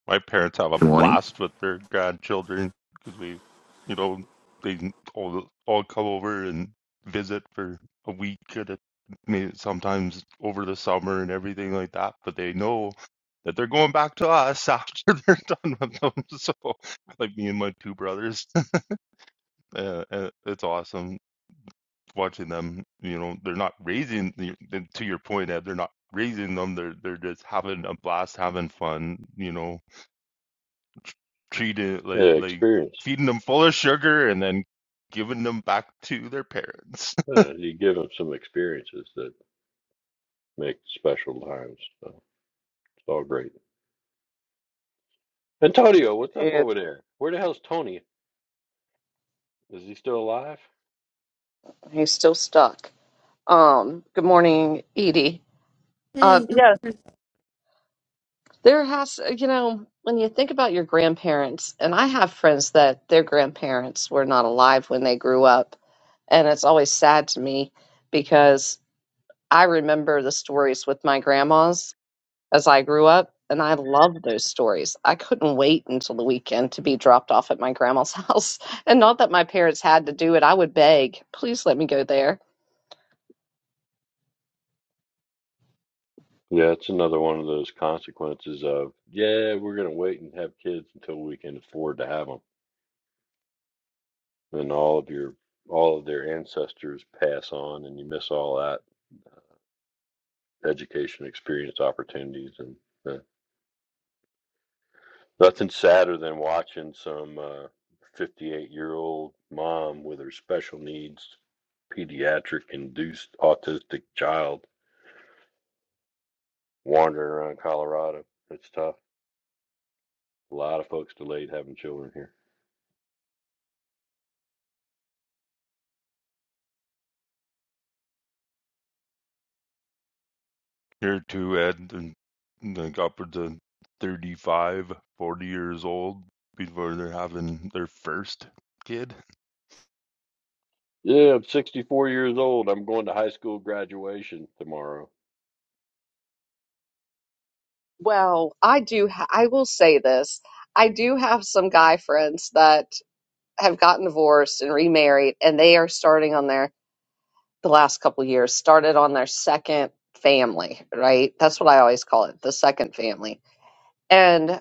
Speaker 5: My parents have a
Speaker 9: Good morning.
Speaker 5: blast with their grandchildren because we, you know, they all all come over and visit for a week at a, may- sometimes over the summer and everything like that. But they know that they're going back to us after they're done with them. So, like me and my two brothers, uh, uh, it's awesome watching them. You know, they're not raising. the- the- To your point, Ed, they're not raising them. They're they're just having a blast, having fun. You know treated
Speaker 7: Yeah,
Speaker 5: like like
Speaker 7: experience.
Speaker 5: feeding them full of sugar and then giving them back to their parents.
Speaker 7: Yeah, you give them some experiences that make special times. So it's all great. Antonio,
Speaker 1: it
Speaker 7: what's up
Speaker 1: is
Speaker 7: over there? Where the hell's Tony? Is he still alive?
Speaker 1: he's still stuck. Um, good morning, Edie. Uh,
Speaker 10: Hey, good
Speaker 1: yeah, there has you know when you think about your grandparents, and I have friends that their grandparents were not alive when they grew up, and it's always sad to me because I remember the stories with my grandmas as I grew up, and I loved those stories. I couldn't wait until the weekend to be dropped off at my grandma's house. And not that my parents had to do it, I would beg, please let me go there.
Speaker 7: Yeah, it's another one of those consequences of yeah, we're gonna wait and have kids until we can afford to have them Then all of your all of their ancestors pass on, and you miss all that education, experience, opportunities, and uh, nothing sadder than watching some uh, 58 year old mom with her special needs pediatric induced autistic child wandering around Colorado. It's tough. A lot of folks delayed having children here.
Speaker 5: Here to Ed and and like upwards of 35, 40 years old before they're having their first kid.
Speaker 7: Yeah, I'm 64 years old. I'm going to high school graduation tomorrow.
Speaker 1: Well, I do, ha- I will say this. I do have some guy friends that have gotten divorced and remarried, and they are starting on their, the last couple of years, started on their second family, right? That's what I always call it, the second family. And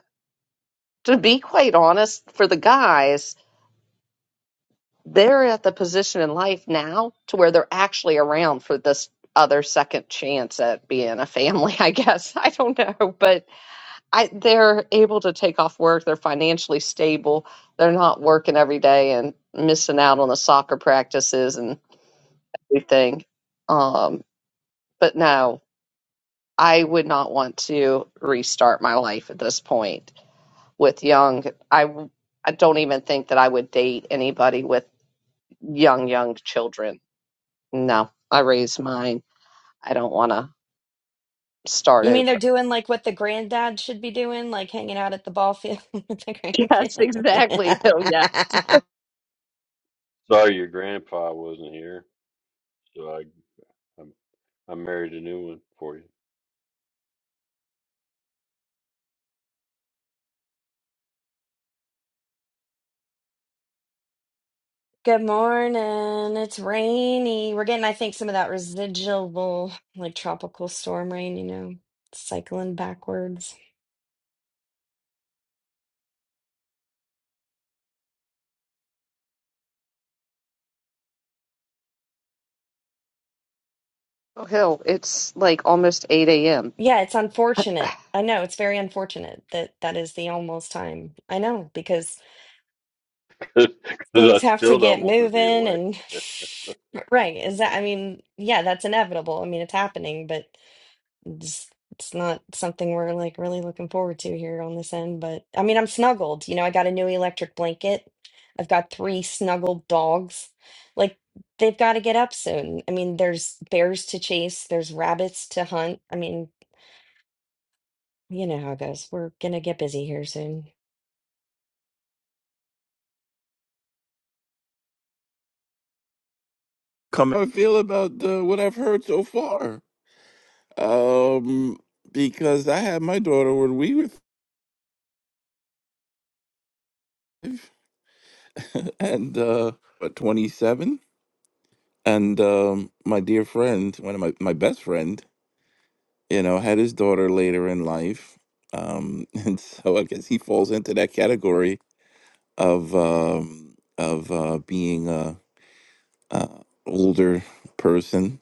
Speaker 1: to be quite honest, for the guys, they're at the position in life now to where they're actually around for this other second chance at being a family, I guess. I don't know, but I they're able to take off work, they're financially stable, they're not working every day and missing out on the soccer practices and everything. Um, but no, I would not want to restart my life at this point with young. I I don't even think that I would date anybody with young, young children. No, I raised mine. I don't want to start
Speaker 4: You mean
Speaker 1: over.
Speaker 4: they're doing like what the granddad should be doing, like hanging out at the ball field with the
Speaker 1: Yes, exactly. Oh, yes.
Speaker 4: grandkids?
Speaker 7: Sorry your grandpa wasn't here. So I, am I married a new one for you
Speaker 4: Good morning. It's rainy. We're getting, I think, some of that residual, like tropical storm rain, you know, cycling backwards.
Speaker 1: Oh, Hill, it's like almost 8 a.m.
Speaker 4: Yeah, it's unfortunate. I know it's very unfortunate that that is the almost time. I know because
Speaker 7: because I
Speaker 4: things have to
Speaker 7: still don't
Speaker 4: get
Speaker 7: want to be
Speaker 4: moving
Speaker 7: away.
Speaker 4: and right. Is that, I mean, yeah, that's inevitable. I mean, it's happening, but it's, it's not something we're like really looking forward to here on this end. But I mean, I'm snuggled. You know, I got a new electric blanket. I've got three snuggled dogs. Like they've got to get up soon. I mean, there's bears to chase, there's rabbits to hunt. I mean, You know how it goes. We're gonna get busy here soon.
Speaker 9: Come I feel about uh, what I've heard so far. Um, because I had my daughter when we were and uh, what, 27, and um, my dear friend, one of my my best friend, you know, had his daughter later in life. Um, and so I guess he falls into that category of um, of uh, being a, a older person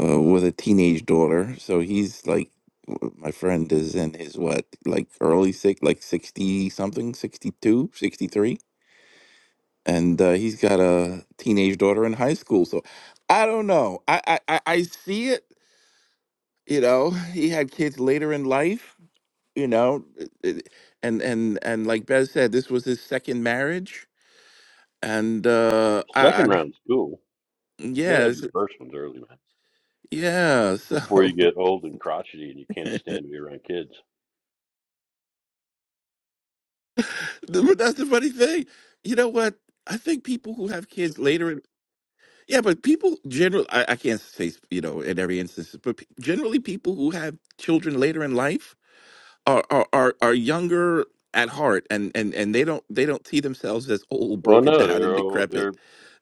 Speaker 9: uh, with a teenage daughter. So he's like, w- my friend is in his what, like early six, like 60 something, 62, 63, And uh, he's got a teenage daughter in high school. So I don't know. I, I, I I see it. You know, he had kids later in life, you know, it- it- and, and, and like Bez said, this was his second marriage. And uh, I,
Speaker 7: Second
Speaker 9: I,
Speaker 7: round's cool. You
Speaker 9: yeah,
Speaker 7: gotta have your
Speaker 9: it's-
Speaker 7: first ones early, man,
Speaker 9: yeah.
Speaker 7: before
Speaker 9: So
Speaker 7: you get old and crotchety and you can't stand to be around kids.
Speaker 9: But that's the funny thing. You know what? I think people who have kids later, in, yeah, but people generally, I, I can't say, you know, in every instance, but pe- generally people who have children later in life are, are, are, are younger at heart and, and, and they don't, they don't see themselves as old,
Speaker 7: Well,
Speaker 9: broken
Speaker 7: no,
Speaker 9: down and
Speaker 7: they're old.
Speaker 9: decrepit.
Speaker 7: They're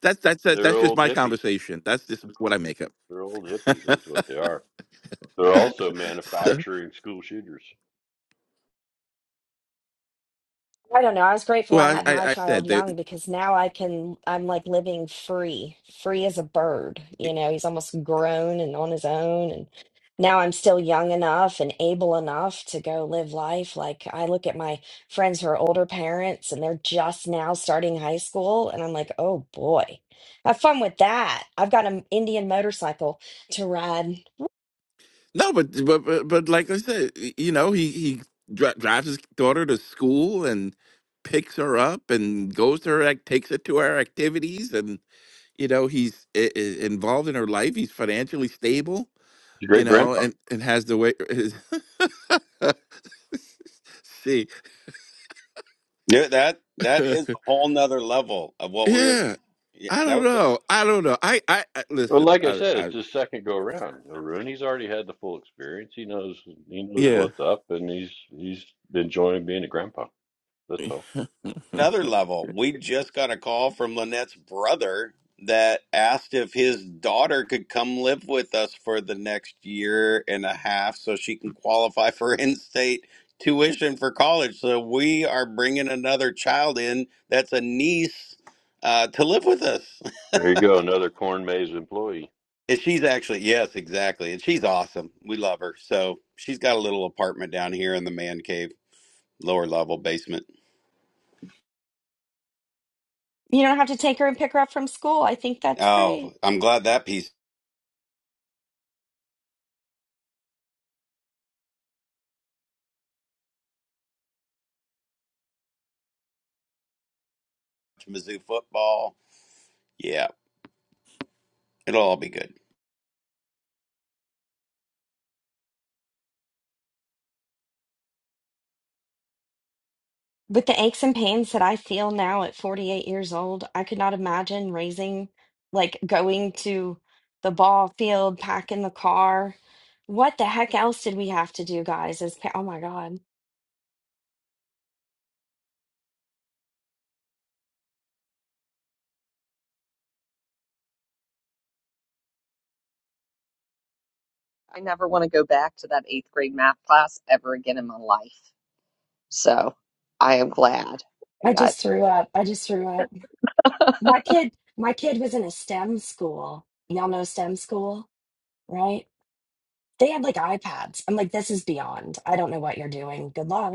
Speaker 9: That's, that's, that's,
Speaker 7: they're
Speaker 9: that's just
Speaker 7: old
Speaker 9: my
Speaker 7: hippies.
Speaker 9: conversation. That's just what I make up.
Speaker 7: They're old hippies. Is what they are. They're also
Speaker 9: So,
Speaker 7: manufacturing school shooters.
Speaker 4: I don't know. I was grateful I
Speaker 9: well,
Speaker 4: had
Speaker 9: I,
Speaker 4: my
Speaker 9: I, I
Speaker 4: child
Speaker 9: said that.
Speaker 4: young because now I can, I'm like living free, free as a bird. You know, he's almost grown and on his own. And now I'm still young enough and able enough to go live life. Like I look at my friends who are older parents and they're just now starting high school. And I'm like, oh boy, have fun with that. I've got an Indian motorcycle to ride.
Speaker 9: No, but but but, but like I said, y- you know, he he dri drives his daughter to school and picks her up and goes to her, like takes her to her activities, and you know, he's i- i- involved in her life. He's financially stable,
Speaker 7: It's
Speaker 9: you
Speaker 7: great
Speaker 9: know, Right.
Speaker 7: grandpa.
Speaker 9: and and has the way. His see,
Speaker 8: yeah that that is a whole nother level of what we were
Speaker 9: yeah.
Speaker 8: yeah,
Speaker 9: I
Speaker 8: that
Speaker 9: don't
Speaker 8: was
Speaker 9: know. I don't know. I I, I
Speaker 7: Well,
Speaker 9: listen.
Speaker 7: like I
Speaker 9: I,
Speaker 7: said,
Speaker 9: I
Speaker 7: it's his second go around. Arun, he's already had the full experience. He knows he knows
Speaker 9: Yeah.
Speaker 7: what's up, and he's he's enjoying being a grandpa. That's all.
Speaker 8: another level. We just got a call from Lynette's brother that asked if his daughter could come live with us for the next year and a half so she can qualify for in state tuition for college. So we are bringing another child in that's a niece uh, to live with us.
Speaker 7: There you go, another Corn Maze employee.
Speaker 8: And she's actually, yes, exactly. And she's awesome. We love her. So she's got a little apartment down here in the man cave, lower level basement.
Speaker 4: You don't have to take her and pick her up from school. I think that's great.
Speaker 8: Oh, I'm glad that piece. Mizzou football. Yeah. It'll all be good.
Speaker 4: With the aches and pains that I feel now at 48 years old, I could not imagine raising, like going to the ball field, packing the car. What the heck else did we have to do, guys? As pa- oh my God,
Speaker 1: I never want to go back to that eighth grade math class ever again in my life. So I am glad I
Speaker 4: I
Speaker 1: got
Speaker 4: just threw up. I just threw up. My kid, my kid was in a STEM school. Y'all know STEM school, right? They had like iPads. I'm like, this is beyond. I don't know what you're doing. Good luck.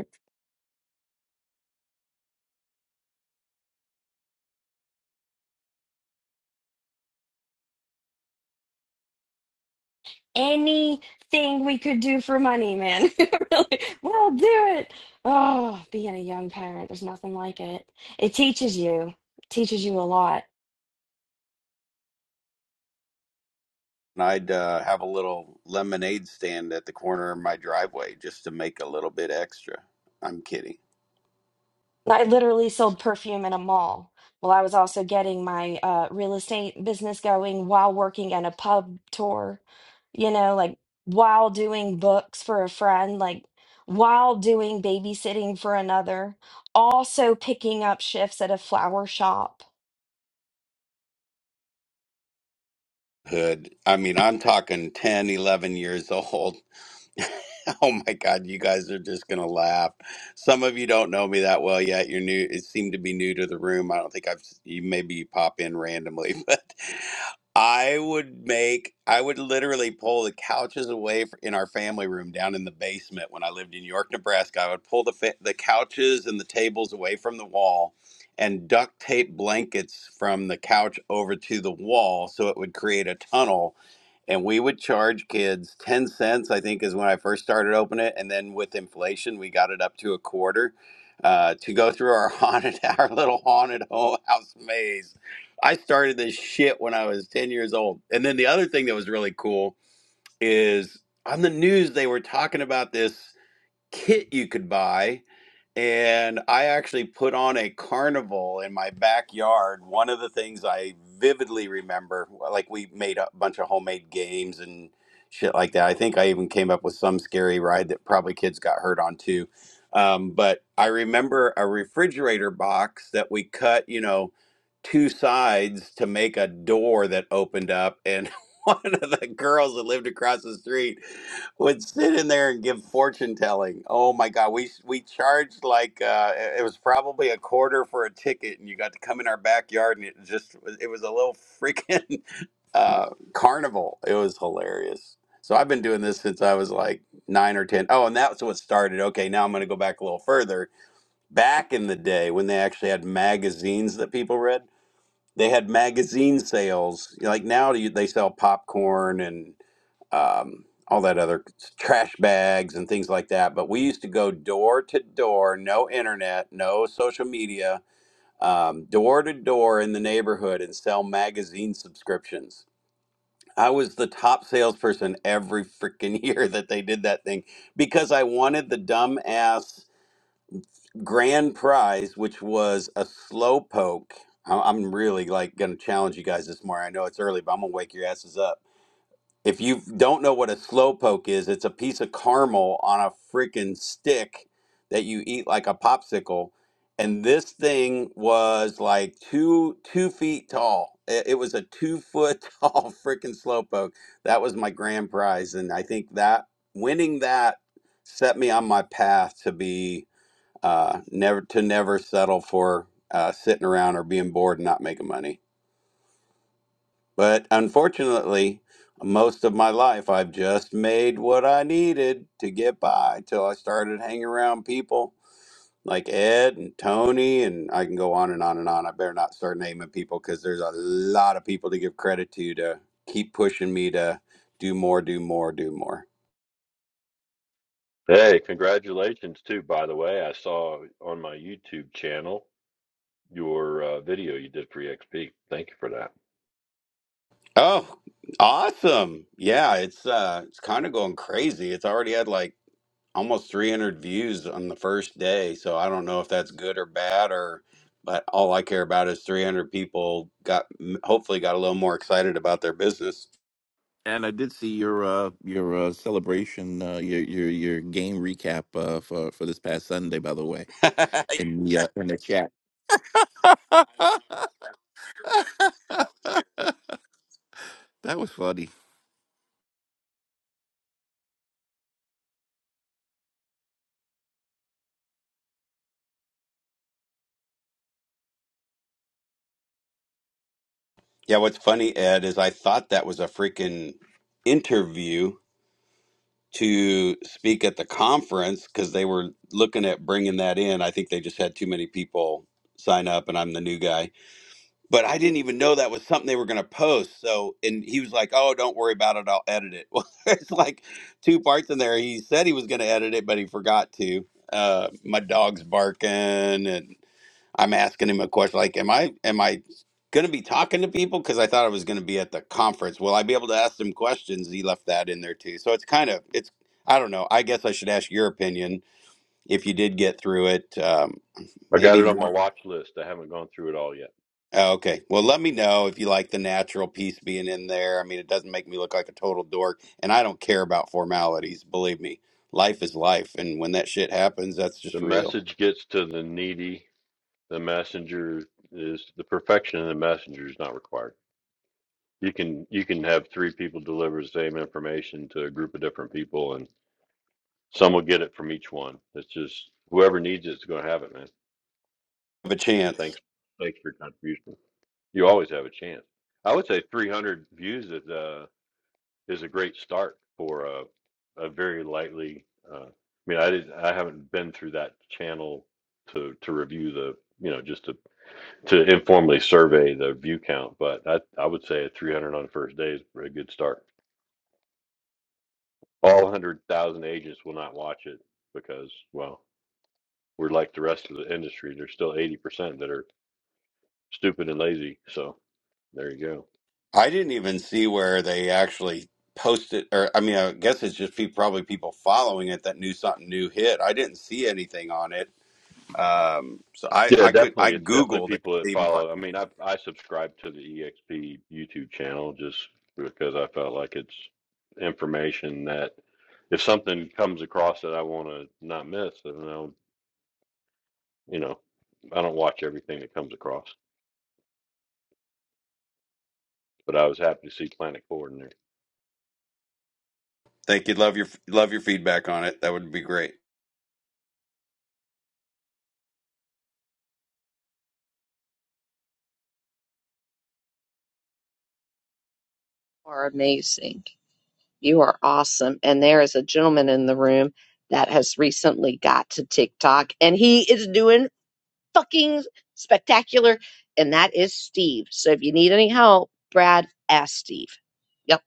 Speaker 4: anything we could do for money, man. really, we'll do it. Oh, being a young parent, there's nothing like it. It teaches you, it teaches you a lot.
Speaker 8: And I'd uh, have a little lemonade stand at the corner of my driveway just to make a little bit extra. I'm kidding.
Speaker 4: I literally sold perfume in a mall. Well, I was also getting my uh, real estate business going while working at a pub tour, you know, like while doing books for a friend, like while doing babysitting for another, also picking up shifts at a flower shop
Speaker 8: Hood. I mean, I'm talking 10, 11 years old. Oh my God, you guys are just going to laugh. Some of you don't know me that well yet. You're new. It seemed to be new to the room. I don't think I've, you maybe you pop in randomly, but I would make, I would literally pull the couches away f- in our family room down in the basement when I lived in York, Nebraska. I would pull the, fa- the couches and the tables away from the wall and duct tape blankets from the couch over to the wall so it would create a tunnel and we would charge kids 10 cents i think is when i first started opening it and then with inflation we got it up to a quarter uh, to go through our haunted our little haunted ho- house maze i started this shit when i was 10 years old and then the other thing that was really cool is on the news they were talking about this kit you could buy and I actually put on a carnival in my backyard. One of the things I vividly remember, like we made a bunch of homemade games and shit like that. I think I even came up with some scary ride that probably kids got hurt on too. Um, but I remember a refrigerator box that we cut, you know, two sides to make a door that opened up and. One of the girls that lived across the street would sit in there and give fortune telling. Oh my God, we we charged like uh, it was probably a quarter for a ticket, and you got to come in our backyard, and it just was- it was a little freaking uh, carnival. It was hilarious. So I've been doing this since I was like nine or ten. Oh, and that's what started. Okay, now I'm going to go back a little further. Back in the day when they actually had magazines that people read. They had magazine sales. Like now you- they sell popcorn and um, all that other trash bags and things like that. But we used to go door to door, no internet, no social media, um, door to door in the neighborhood and sell magazine subscriptions. I was the top salesperson every freaking year that they did that thing because I wanted the dumbass grand prize, which was a slow poke. I- I'm really like going to challenge you guys this morning. I know it's early, but I'm going to wake your asses up. If you don't know what a slow poke is, it's a piece of caramel on a freaking stick that you eat like a popsicle. And this thing was like two two feet tall. It, it was a two foot tall freaking slow poke. That was my grand prize, and I think that winning that set me on my path to be uh, never to never settle for uh, sitting around or being bored and not making money. But unfortunately, most of my life I've just made what I needed to get by till I started hanging around people like Ed and Tony, and I can go on and on and on. I better not start naming people because there's a lot of people to give credit to to keep pushing me to do more, do more, do more.
Speaker 7: Hey, congratulations too, by the way. I saw on my YouTube channel your uh, video you did for EXP. Thank you for that.
Speaker 8: Oh, awesome! Yeah, it's uh, it's kind of going crazy. It's already had like. almost 300 views on the first day. So I don't know if that's good or bad or but all I care about is 300 people got m- hopefully got a little more excited about their business.
Speaker 9: And I did see your uh your uh celebration uh your your your game recap uh for for this past Sunday by the way
Speaker 8: yeah,
Speaker 9: in the uh, in the chat. that was funny.
Speaker 8: what's funny Ed is I thought that was a freaking interview to speak at the conference cuz they were looking at bringing that in. I think they just had too many people sign up and I'm the new guy. but I didn't even know that was something they were going to post. So, and he was like, "Oh, don't worry about it. I'll edit it." Well, it's like two parts in there. He said he was going to edit it, but he forgot to. Uh, my dog's barking, and I'm asking him a question like, "Am I am I going to be talking to people?" Because I thought I was going to be at the conference. Will I be able to ask them questions? He left that in there too. So it's kind of it's I don't know. I guess I should ask your opinion if you did get through it. Um,
Speaker 7: I got
Speaker 8: maybe
Speaker 7: it on my
Speaker 8: more.
Speaker 7: watch list. I haven't gone through it all yet.
Speaker 8: Oh, Okay. Well, let me know if you like the natural piece being in there. I mean, it doesn't make me look like a total dork, and I don't care about formalities. Believe me, life is life, and when that shit happens, that's
Speaker 7: The
Speaker 8: just real.
Speaker 7: message gets to the needy. The messenger is the perfection of the messenger is not required. You can you can have three people deliver the same information to a group of different people and some will get it from each one. It's just whoever needs it's gonna have it, man.
Speaker 8: Have a chance.
Speaker 7: Thanks thanks for your contribution. You always have a chance. I would say 300 views is uh is a great start for a a very lightly. Uh, I mean, I didn't, I haven't been through that channel to to review the you know just to to informally survey the view count, but I I would say 300 on the first day is a good start. All 100,000 agents will not watch it because well we're like the rest of the industry. There's still 80% that are stupid and lazy. So there you go.
Speaker 8: I didn't even see where they actually posted, or I mean, I guess it's just pe- probably people following it that knew something new hit. I didn't see anything on it, um, so I
Speaker 7: Yeah,
Speaker 8: I could I
Speaker 7: definitely. It's definitely
Speaker 8: googled it.
Speaker 7: people
Speaker 8: to
Speaker 7: that
Speaker 8: Even find-
Speaker 7: follow. I mean, I I subscribe to the EXP YouTube channel just because I felt like it's information that if something comes across that I want to not miss, then I'll, you know, I don't watch everything that comes across. But I was happy to see Planet Forward in there.
Speaker 8: think you'd love your love your feedback on it. That would be great
Speaker 1: you are amazing. You are awesome. And there is a gentleman in the room that has recently got to TikTok and he is doing fucking spectacular. And that is Steve. So if you need any help, Brad, ask Steve. Yep.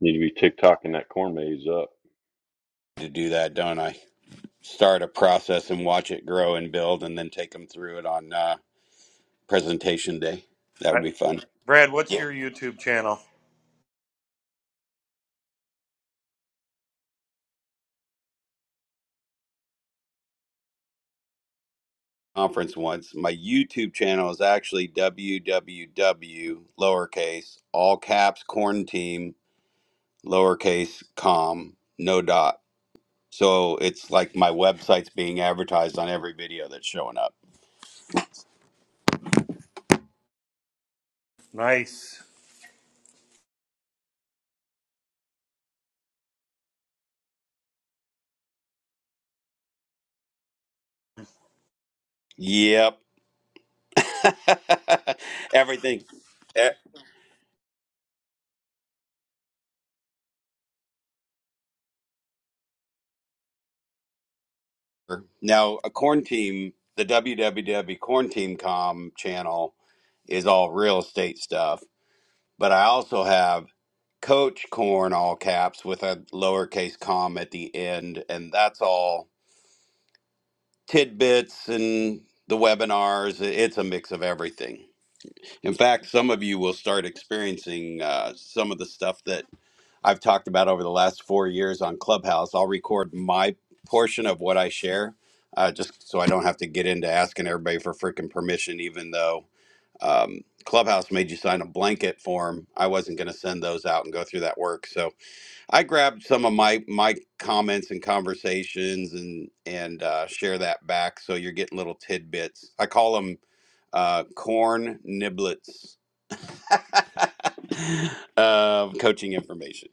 Speaker 7: Need to be TikToking that corn maze up.
Speaker 8: to do that, don't I? start a process and watch it grow and build and then take them through it on uh, presentation day. That
Speaker 11: I,
Speaker 8: would be fun.
Speaker 11: Brad, what's
Speaker 8: Yeah.
Speaker 11: your YouTube channel?
Speaker 8: Conference once. My YouTube channel is actually www lowercase all caps corn team lowercase com no dot. So it's like my website's being advertised on every video that's showing up.
Speaker 11: Nice.
Speaker 8: Yep. Everything. e, Sure. Now, a corn team, the WWW Corn Team Com channel is all real estate stuff, but I also have Coach Corn, all caps, with a lowercase com at the end, and that's all tidbits and the webinars. It's a mix of everything. In fact, some of you will start experiencing uh, some of the stuff that I've talked about over the last four years on Clubhouse. I'll record my portion of what I share, uh, just so I don't have to get into asking everybody for freaking permission. Even though um, Clubhouse made you sign a blanket form, I wasn't going to send those out and go through that work. So I grabbed some of my my comments and conversations and and uh, share that back. So you're getting little tidbits. I call them uh, corn niblets. of coaching information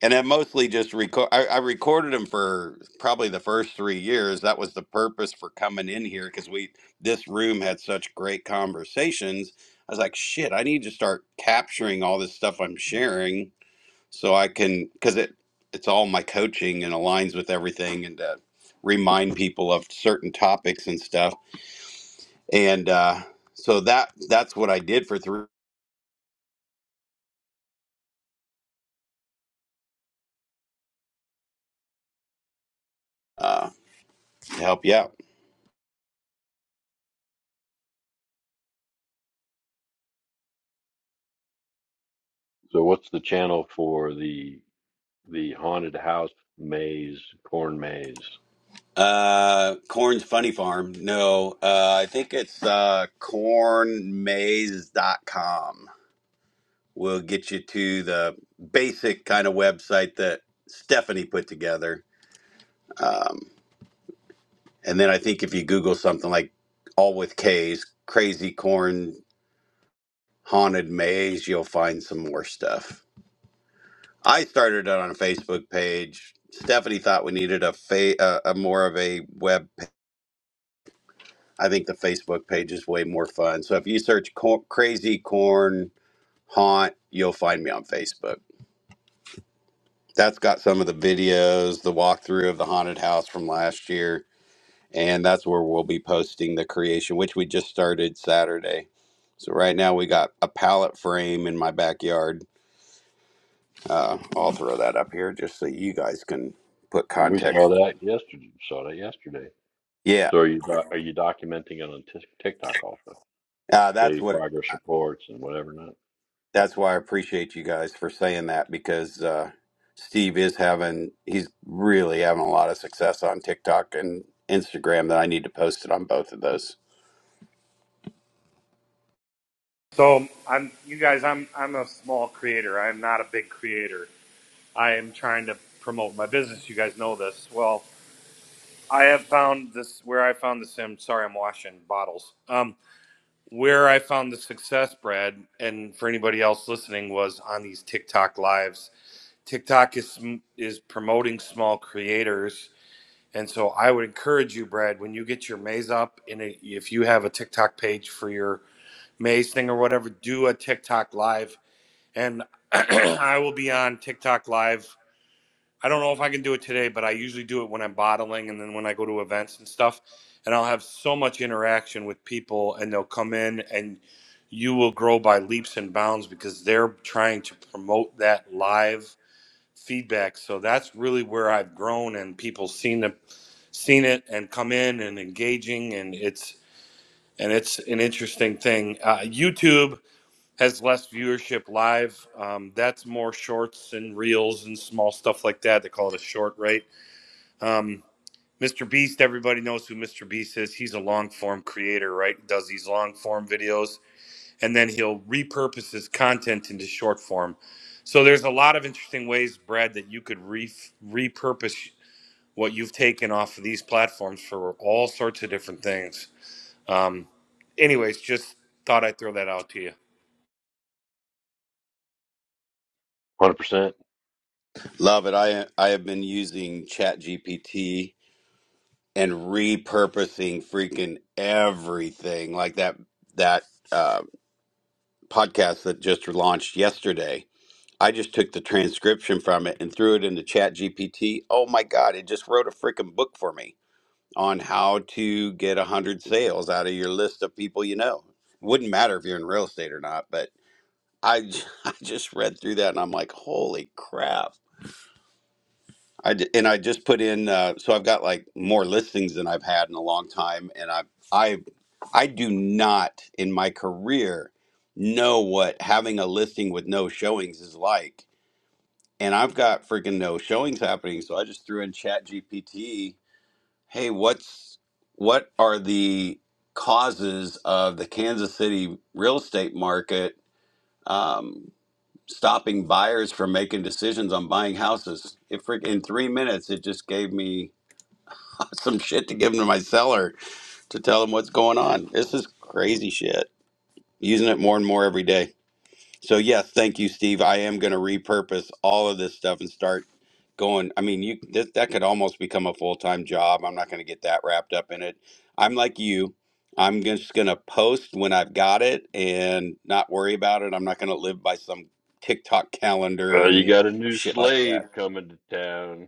Speaker 8: and I mostly just record. I, I recorded them for probably the first three years. That was the purpose for coming in here because we this room had such great conversations. I was like, shit, I need to start capturing all this stuff I'm sharing so I can because it it's all my coaching and aligns with everything and to remind people of certain topics and stuff. And uh, so that that's what I did for three uh, to help you out.
Speaker 7: So what's the channel for the the haunted house maze corn maze?
Speaker 8: Uh, Corn's Funny Farm. No, uh, I think it's uh, cornmaze.com. Will get you to the basic kind of website that Stephanie put together. Um, and then I think if you Google something like all with K's, crazy corn haunted maze, you'll find some more stuff. I started it on a Facebook page. Stephanie thought we needed a fa- uh, a more of a web I think the Facebook page is way more fun. So if you search cor- Crazy Corn Haunt, you'll find me on Facebook. That's got some of the videos, the walkthrough of the haunted house from last year. And that's where we'll be posting the creation, which we just started Saturday. So right now we got a pallet frame in my backyard. Uh, I'll throw that up here just so you guys can put
Speaker 7: We saw
Speaker 8: context.
Speaker 7: that yesterday. Saw that yesterday.
Speaker 8: Yeah,
Speaker 7: So are you doc- are you documenting it on Tik TikTok also?
Speaker 8: uh, that's
Speaker 7: Daily
Speaker 8: what
Speaker 7: progress reports and whatever not.
Speaker 8: that's why I appreciate you guys for saying that because uh, Steve is having he's really having a lot of success on TikTok and Instagram that I need to post it on both of those.
Speaker 11: So I'm you guys. I'm I'm a small creator. I'm not a big creator. I am trying to promote my business. You guys know this. Well, I have found this where I found this. I'm sorry, I'm washing bottles. Um, where I found the success, Brad, and for anybody else listening, was on these TikTok lives. TikTok is is promoting small creators. And so I would encourage you, Brad, when you get your maze up, and if you have a TikTok page for your Maze thing or whatever, do a TikTok live. And I will be on TikTok live. I don't know if I can do it today, but I usually do it when I'm bottling and then when I go to events and stuff. And I'll have so much interaction with people, and they'll come in, and you will grow by leaps and bounds because they're trying to promote that live feedback. So that's really where I've grown, and people seen the seen it and come in and engaging, and it's and it's an interesting thing. Uh, YouTube has less viewership live. Um, that's more shorts and reels and small stuff like that. They call it a short, right? Mr. Beast, everybody knows who Mr. Beast is. He's a long form creator, right? He Does these long form videos and then he'll repurpose his content into short form. So there's a lot of interesting ways, Brad, that you could re- repurpose what you've taken off of these platforms for all sorts of different things. Um, anyways, just thought I'd throw that out to you.
Speaker 7: Hundred percent.
Speaker 8: Love it. I I have been using ChatGPT and repurposing freaking everything like that that uh, podcast that just launched yesterday. I just took the transcription from it and threw it into ChatGPT. Oh my god, it just wrote a freaking book for me on how to get 100 sales out of your list of people you know. Wouldn't matter if you're in real estate or not, but I, j- I just read through that and I'm like, holy crap. I d- and I just put in, uh, so I've got like more listings than I've had in a long time. And I, I, I do not in my career know what having a listing with no showings is like. And I've got freaking no showings happening. So I just threw in Chat GPT Hey, what's what are the causes of the Kansas City real estate market um, stopping buyers from making decisions on buying houses? It freak in three minutes, it just gave me some shit to give them to my seller to tell them what's going on. This is crazy shit. Using it more and more every day. So yes, thank you, Steve. I am going to repurpose all of this stuff and start going. I mean, you that that could almost become a full time job. I'm not going to get that wrapped up in it. I'm like you. I'm just going to post when I've got it and not worry about it. I'm not going to live by some TikTok calendar
Speaker 7: Well, you
Speaker 8: and
Speaker 7: got a new
Speaker 8: shit like
Speaker 7: slave
Speaker 8: that.
Speaker 7: coming to town.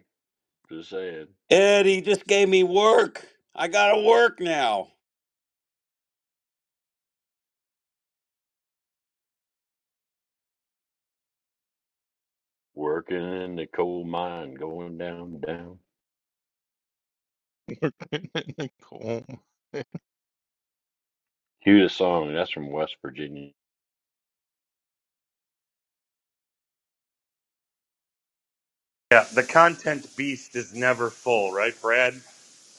Speaker 7: Just saying,
Speaker 8: Eddie just gave me work. I got to work now.
Speaker 7: working in the coal mine, going down, down.
Speaker 5: Go home.
Speaker 7: Cue the song. That's from West Virginia
Speaker 11: Yeah, the content beast is never full, right, Brad?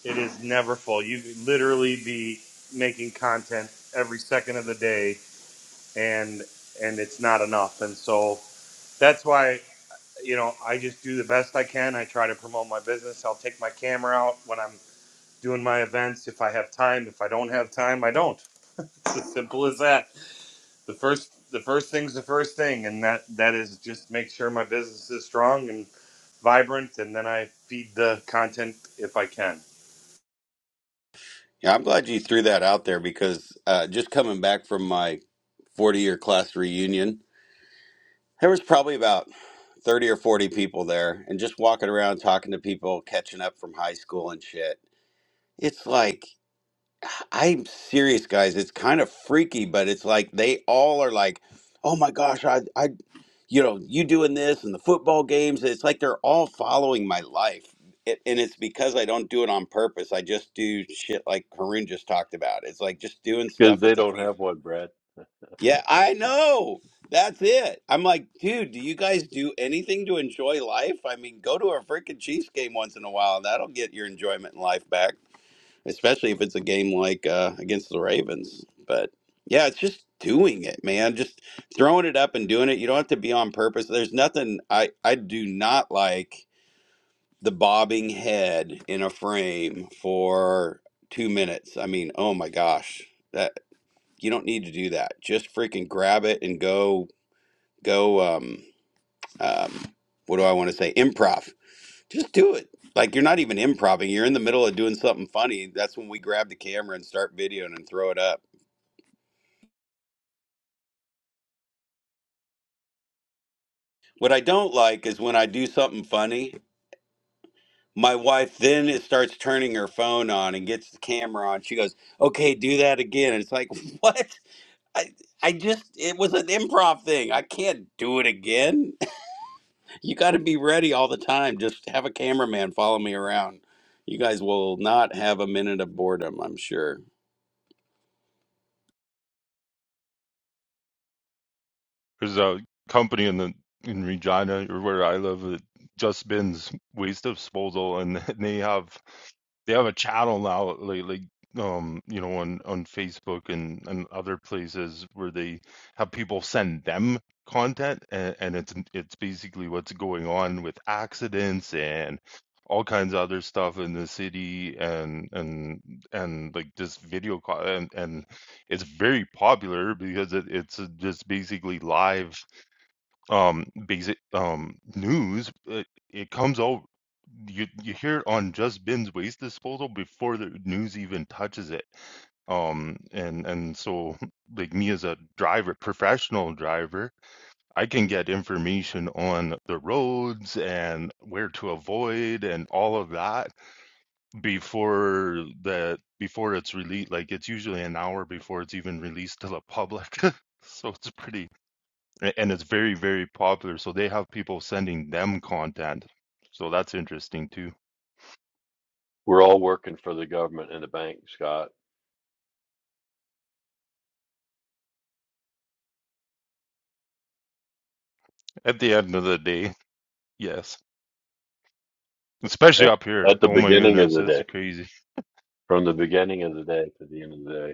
Speaker 11: It is never full. You could literally be making content every second of the day, and and it's not enough. And so that's why you know I just do the best I can. I try to promote my business. I'll take my camera out when I'm doing my events if I have time. If I don't have time, I don't. It's as simple as that. The first the first thing's the first thing, and that that is just make sure my business is strong and vibrant, and then I feed the content if I can.
Speaker 8: Yeah, I'm glad you threw that out there because uh, just coming back from my 40 year class reunion There was probably about 30 or 40 people there and just walking around talking to people, catching up from high school and shit. It's like, I'm serious, guys. It's kind of freaky, but it's like they all are like, oh my gosh, I, I, you know, you doing this and the football games. It's like they're all following my life. It, and it's because I don't do it on purpose. I just do shit like Karun just talked about. It's like just doing
Speaker 7: because
Speaker 8: stuff at
Speaker 7: they don't
Speaker 8: the
Speaker 7: have one, Brad.
Speaker 8: yeah, I know. That's it. I'm like, dude, do you guys do anything to enjoy life? I mean, go to a freaking Chiefs game once in a while. That'll get your enjoyment in life back, especially if it's a game like uh, against the Ravens. But yeah, it's just doing it, man. Just throwing it up and doing it. You don't have to be on purpose. There's nothing I I do not like the bobbing head in a frame for two minutes. I mean, oh my gosh. You don't need to do that. Just freaking grab it and go go um um what do I want to say? Improv. Just do it. Like you're not even improvising. You're in the middle of doing something funny. That's when we grab the camera and start videoing and throw it up. What I don't like is when I do something funny, my wife then it starts turning her phone on and gets the camera on. She goes, "Okay, do that again." And it's like, "What? I I just it was an improv thing. I can't do it again." You got to be ready all the time. Just have a cameraman follow me around. You guys will not have a minute of boredom, I'm sure.
Speaker 5: There's a company in the in Regina or where I live that just bins waste disposal, and they have they have a channel now lately um you know on on facebook and and other places where they have people send them content and, and it's it's basically what's going on with accidents and all kinds of other stuff in the city and and and like this video call and, and it's very popular because it it's, uh, just basically live, um, basic, um, news, but it comes out you you hear it on Just Ben's Waste Disposal before the news even touches it. Um, and and so, like me as a driver, professional driver, I can get information on the roads and where to avoid and all of that before that before it's released like it's usually an hour before it's even released to the public so it's pretty and it's very very popular so they have people sending them content so that's interesting too
Speaker 7: We're all working for the government and the bank, Scott.
Speaker 5: at the end of the day yes especially
Speaker 7: At,
Speaker 5: up here
Speaker 7: at the
Speaker 5: oh my
Speaker 7: beginning of
Speaker 5: goodness
Speaker 7: the
Speaker 5: it's
Speaker 7: day,
Speaker 5: crazy
Speaker 7: from the beginning of the day to the end of the day.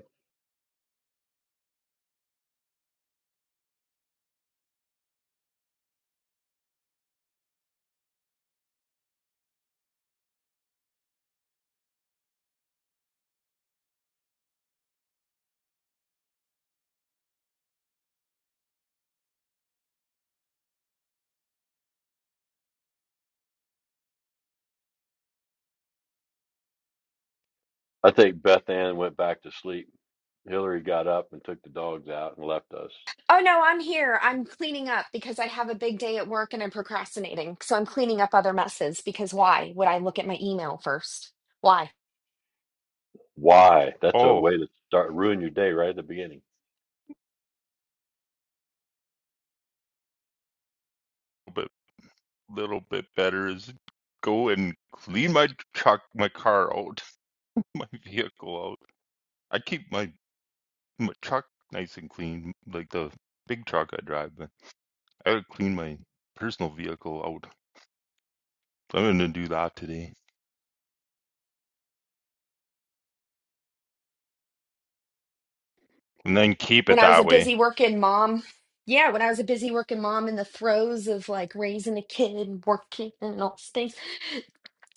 Speaker 7: I think Beth Ann went back to sleep. Hillary got up and took the dogs out and left us.
Speaker 4: Oh no, I'm here. I'm cleaning up because I have a big day at work and I'm procrastinating. So I'm cleaning up other messes because why would I look at my email first? Why?
Speaker 7: Why? That's a
Speaker 5: oh
Speaker 7: way to start ruin your day right at the beginning.
Speaker 5: but little bit better is go and clean my truck my car out my vehicle out i keep my my truck nice and clean like the big truck i drive but I would clean my personal vehicle out. I'm gonna do that today, and then keep
Speaker 4: When
Speaker 5: it
Speaker 4: I was a
Speaker 5: that way.
Speaker 4: busy working mom, yeah, when I was a busy working mom in the throes of like raising a kid and working and all those things,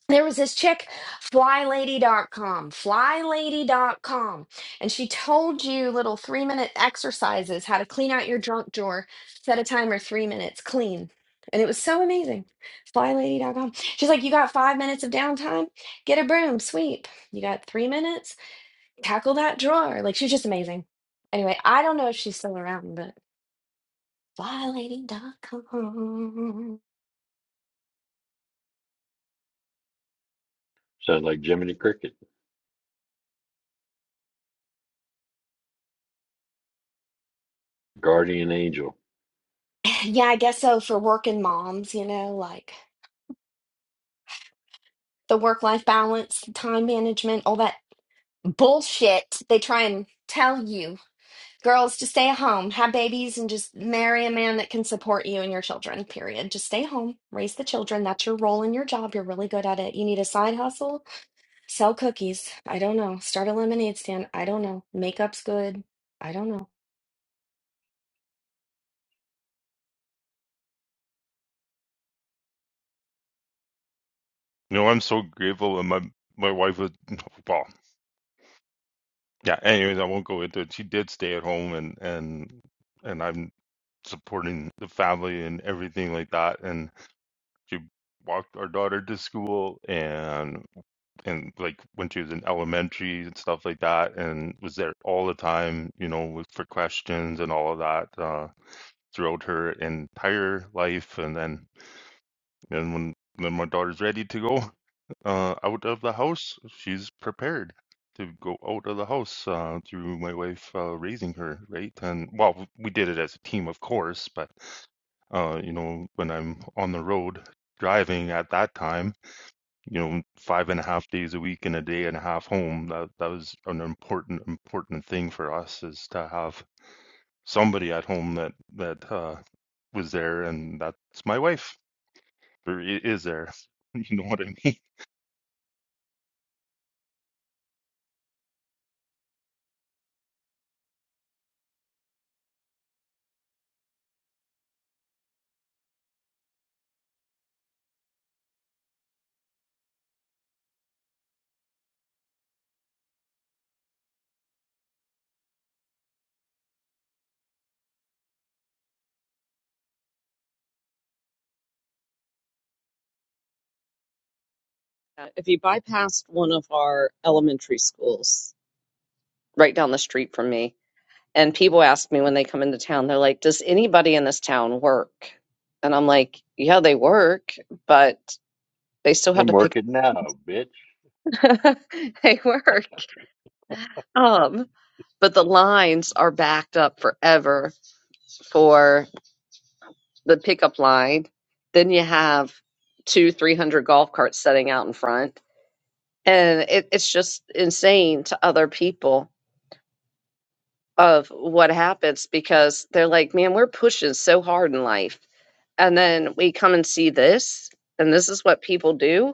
Speaker 4: there was this chick FlyLady FlyLady dot com. flylady dot com, and she told you little three minute exercises how to clean out your junk drawer set a timer three minutes clean and it was so amazing FlyLady dot com. she's like you got five minutes of downtime get a broom sweep you got three minutes tackle that drawer like she's just amazing anyway i don't know if she's still around but FlyLady dot com.
Speaker 7: Sounds like Jiminy Cricket, guardian angel.
Speaker 4: yeah i guess so for working moms you know like the work life balance, the time management, all that bullshit they try and tell you girls to stay at home, have babies, and just marry a man that can support you and your children, period. Just stay home, raise the children. That's your role in your job. You're really good at it. You need a side hustle, sell cookies. I don't know. Start a lemonade stand. I don't know. Makeup's good. I don't know.
Speaker 5: You know, I'm so grateful that my my wife was well. Yeah. Anyways, I won't go into it. She did stay at home, and and and I'm supporting the family and everything like that. And she walked our daughter to school, and and like when she was in elementary and stuff like that, and was there all the time. You know, with, for questions and all of that. Uh, throughout her entire life and then And when then my daughter's ready to go uh, out of the house, she's prepared to go out of the house uh, through my wife uh, raising her, right? And well, we did it as a team, of course, but uh, you know, when I'm on the road driving at that time, you know, five and a half days a week and a day and a half home, that that was an important important thing for us is to have somebody at home that that uh, was there, and that's my wife or i- is there? You know what I mean?
Speaker 1: Uh, If you bypassed one of our elementary schools, right down the street from me, and people ask me when they come into town, they're like, Does anybody in this town work? And I'm like, Yeah, they work, but they still have
Speaker 7: I'm
Speaker 1: to pick
Speaker 7: working now, bitch.
Speaker 1: they work. Um, but the lines are backed up forever for. the pickup line. Then you have two, three hundred golf carts setting out in front, and it, it's just insane to other people of what happens because they're like, "Man, we're pushing so hard in life," and then we come and see this, and this is what people do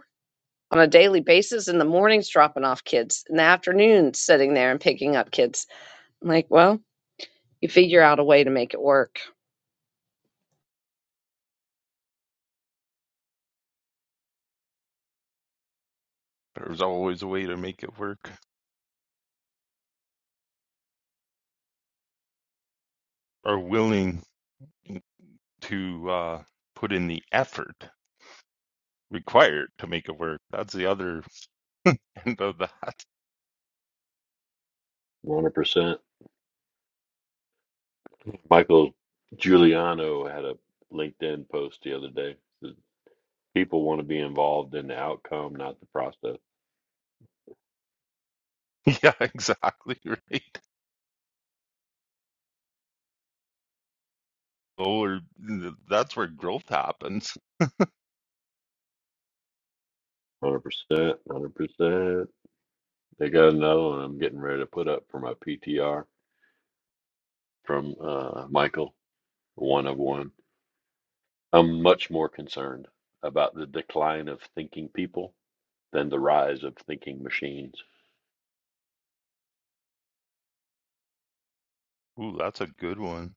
Speaker 1: on a daily basis. In the mornings, dropping off kids, in the afternoons, sitting there and picking up kids. I'm like, well, you figure out a way to make it work
Speaker 5: There's always a way to make it work. Are willing to uh, put in the effort required to make it work. That's the other end of that.
Speaker 7: 100%. Michael Giuliano had a LinkedIn post the other day. Says, People want to be involved in the outcome, not the process.
Speaker 5: Yeah, exactly right. Oh, Or that's where growth happens.
Speaker 7: 100%. 100%. They got another one I'm getting ready to put up for my PTR from uh, Michael, one of one. I'm much more concerned about the decline of thinking people than the rise of thinking machines.
Speaker 5: Ooh, that's a good one.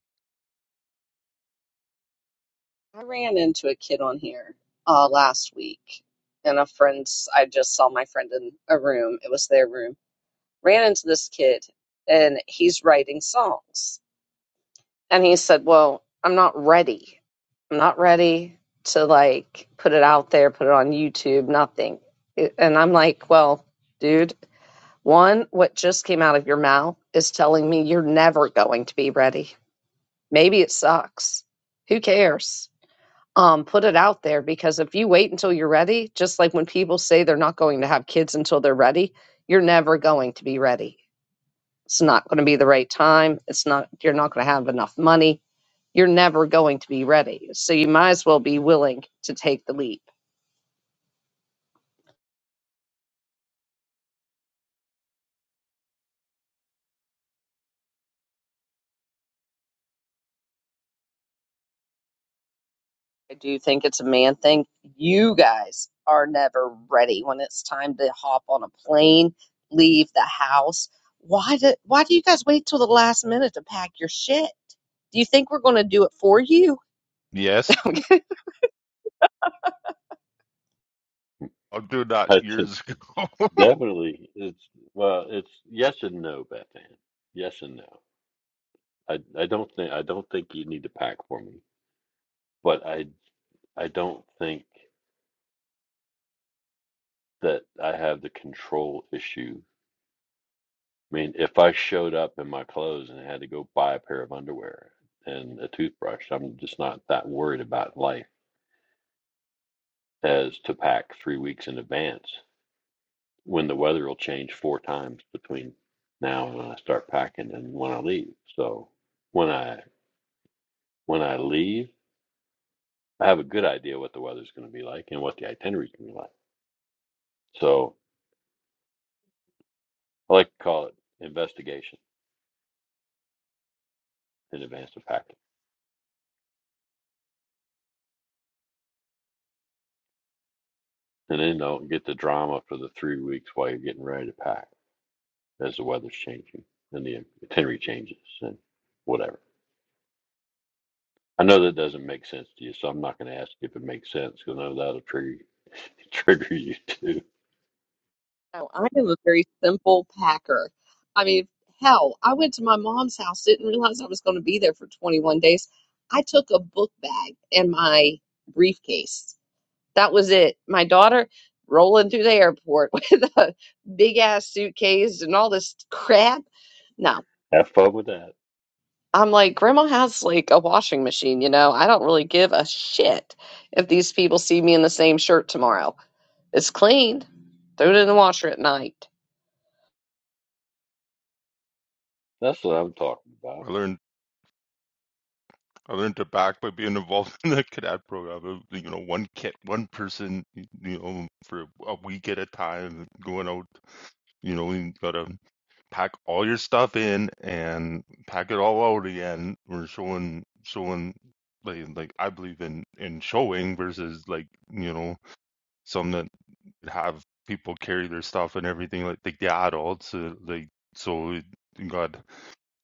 Speaker 1: I ran into a kid on here uh, last week, and a friend's. I just saw my friend in a room. It was their room. Ran into this kid, and he's writing songs. And he said, "Well, I'm not ready. I'm not ready to like put it out there, put it on YouTube, nothing." It- And I'm like, "Well, dude, one, what just came out of your mouth is telling me you're never going to be ready. Maybe it sucks. Who cares?" um, put it out there because if you wait until you're ready, just like when people say they're not going to have kids until they're ready, you're never going to be ready. It's not going to be the right time. It's not, you're not going to have enough money. You're never going to be ready. So you might as well be willing to take the leap. I do think it's a man thing. You guys are never ready when it's time to hop on a plane, leave the house. Why do, why do you guys wait till the last minute to pack your shit? Do you think we're going to do it for you?
Speaker 5: Yes,
Speaker 1: Okay.
Speaker 5: I'll do that
Speaker 7: But
Speaker 5: years ago.
Speaker 7: definitely, it's well, it's yes and no, Beth Ann. Yes and no. I I don't think I don't think you need to pack for me, but I I don't think that I have the control issue. I mean, if I showed up in my clothes and had to go buy a pair of underwear and a toothbrush, I'm just not that worried about life as to pack three weeks in advance when the weather will change four times between now and when I start packing and when I leave. So when I when I leave, I have a good idea what the weather's going to be like and what the itinerary is going to be like. So I like to call it investigation in advance of packing, and then don't get the drama for the three weeks while you're getting ready to pack as the weather's changing and the itinerary changes and whatever. I know that doesn't make sense to you, so I'm not going to ask if it makes sense because I know that'll trigger trigger you too.
Speaker 1: No, I am a very simple packer. I mean, hell, I went to my mom's house, didn't realize I was going to be there for 21 days. I took a book bag and my briefcase. That was it. My daughter rolling through the airport with a big ass suitcase and all this crap. No,
Speaker 7: Have fun with that.
Speaker 1: I'm like, Grandma has like a washing machine, you know? I don't really give a shit if these people see me in the same shirt tomorrow. It's clean. Throw it in the washer at night.
Speaker 7: That's what I'm talking about.
Speaker 5: I learned I learned to back by being involved in the cadet program. It You know, one kit, one person, you know, for a week at a time, going out. You know, you gotta pack all your stuff in and pack it all out again. We're showing, showing, like, like I believe in in showing versus like you know some that have people carry their stuff and everything like like the adults. Uh, like so, It, God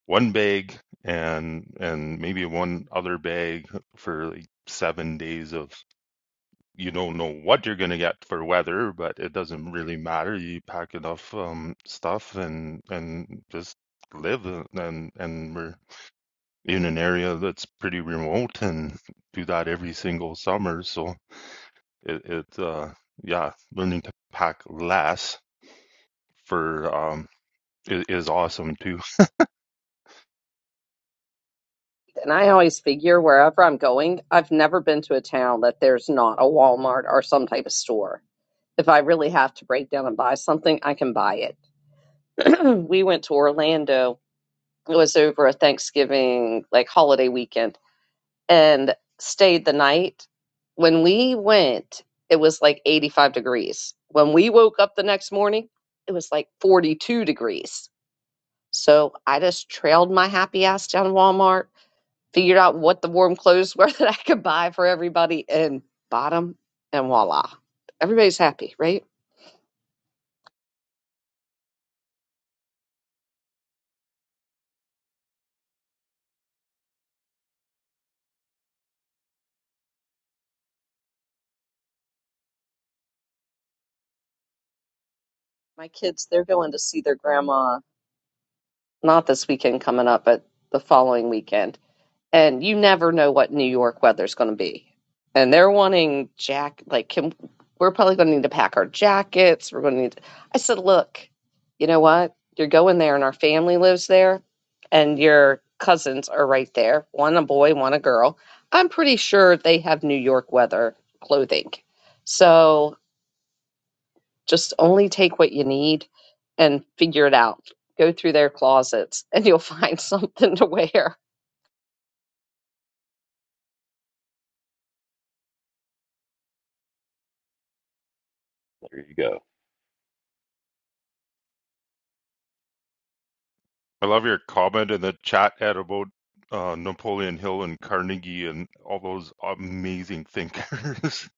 Speaker 5: one bag and and maybe one other bag for like seven days of you don't know what you're gonna get for weather, but it doesn't really matter. You pack enough um, stuff and and just live uh, and and we're in an area that's pretty remote and do that every single summer. So it, it uh yeah, learning to pack less for um i- is awesome too
Speaker 1: And I always figure wherever I'm going, I've never been to a town that there's not a Walmart or some type of store. If I really have to break down and buy something, I can buy it. we went to Orlando. It was over a Thanksgiving, like holiday weekend, and stayed the night. When we went, it was like 85 degrees. When we woke up the next morning, it was like 42 degrees. So I just trailed my happy ass down to Walmart figured out what the warm clothes were that I could buy for everybody and bought them, and voila. Everybody's happy, right? My kids, they're going to see their grandma not this weekend coming up, but the following weekend and you never know what New York weather's going to be. And they're wanting jack like can we're probably going to need to pack our jackets. We're going to need. I said, look, you know what? You're going there, and our family lives there, and your cousins are right there. One a boy, one a girl. I'm pretty sure they have New York weather clothing. So just only take what you need and figure it out. Go through their closets, and you'll find something to wear.
Speaker 7: There you go.
Speaker 5: I love your comment in the chat, Ed, about uh, Napoleon Hill and Carnegie and all those amazing thinkers.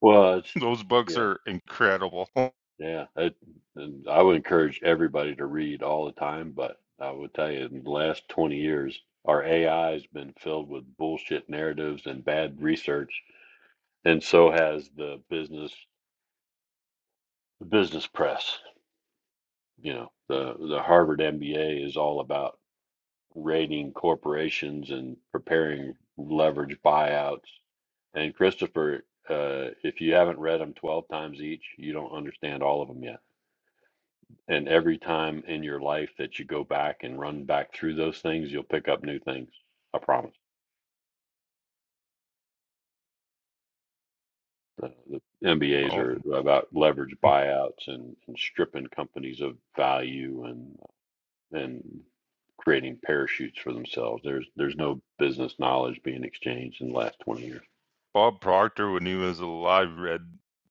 Speaker 7: Well, it's,
Speaker 5: those books
Speaker 7: yeah,
Speaker 5: are incredible.
Speaker 7: yeah. It, and I would encourage everybody to read all the time, but I would tell you in the last 20 years, our AI has been filled with bullshit narratives and bad research, and so has the business the business press. You know, the the Harvard MBA is all about rating corporations and preparing leverage buyouts. And Christopher, uh, if you haven't read them 12 times each, you don't understand all of them yet. And every time in your life that you go back and run back through those things, you'll pick up new things. I promise. The, the MBAs
Speaker 5: Well,
Speaker 7: are about leverage buyouts and, and stripping companies of value and and creating parachutes for themselves. There's there's no business knowledge being exchanged in the last 20 years.
Speaker 5: Bob Proctor, when he was alive, read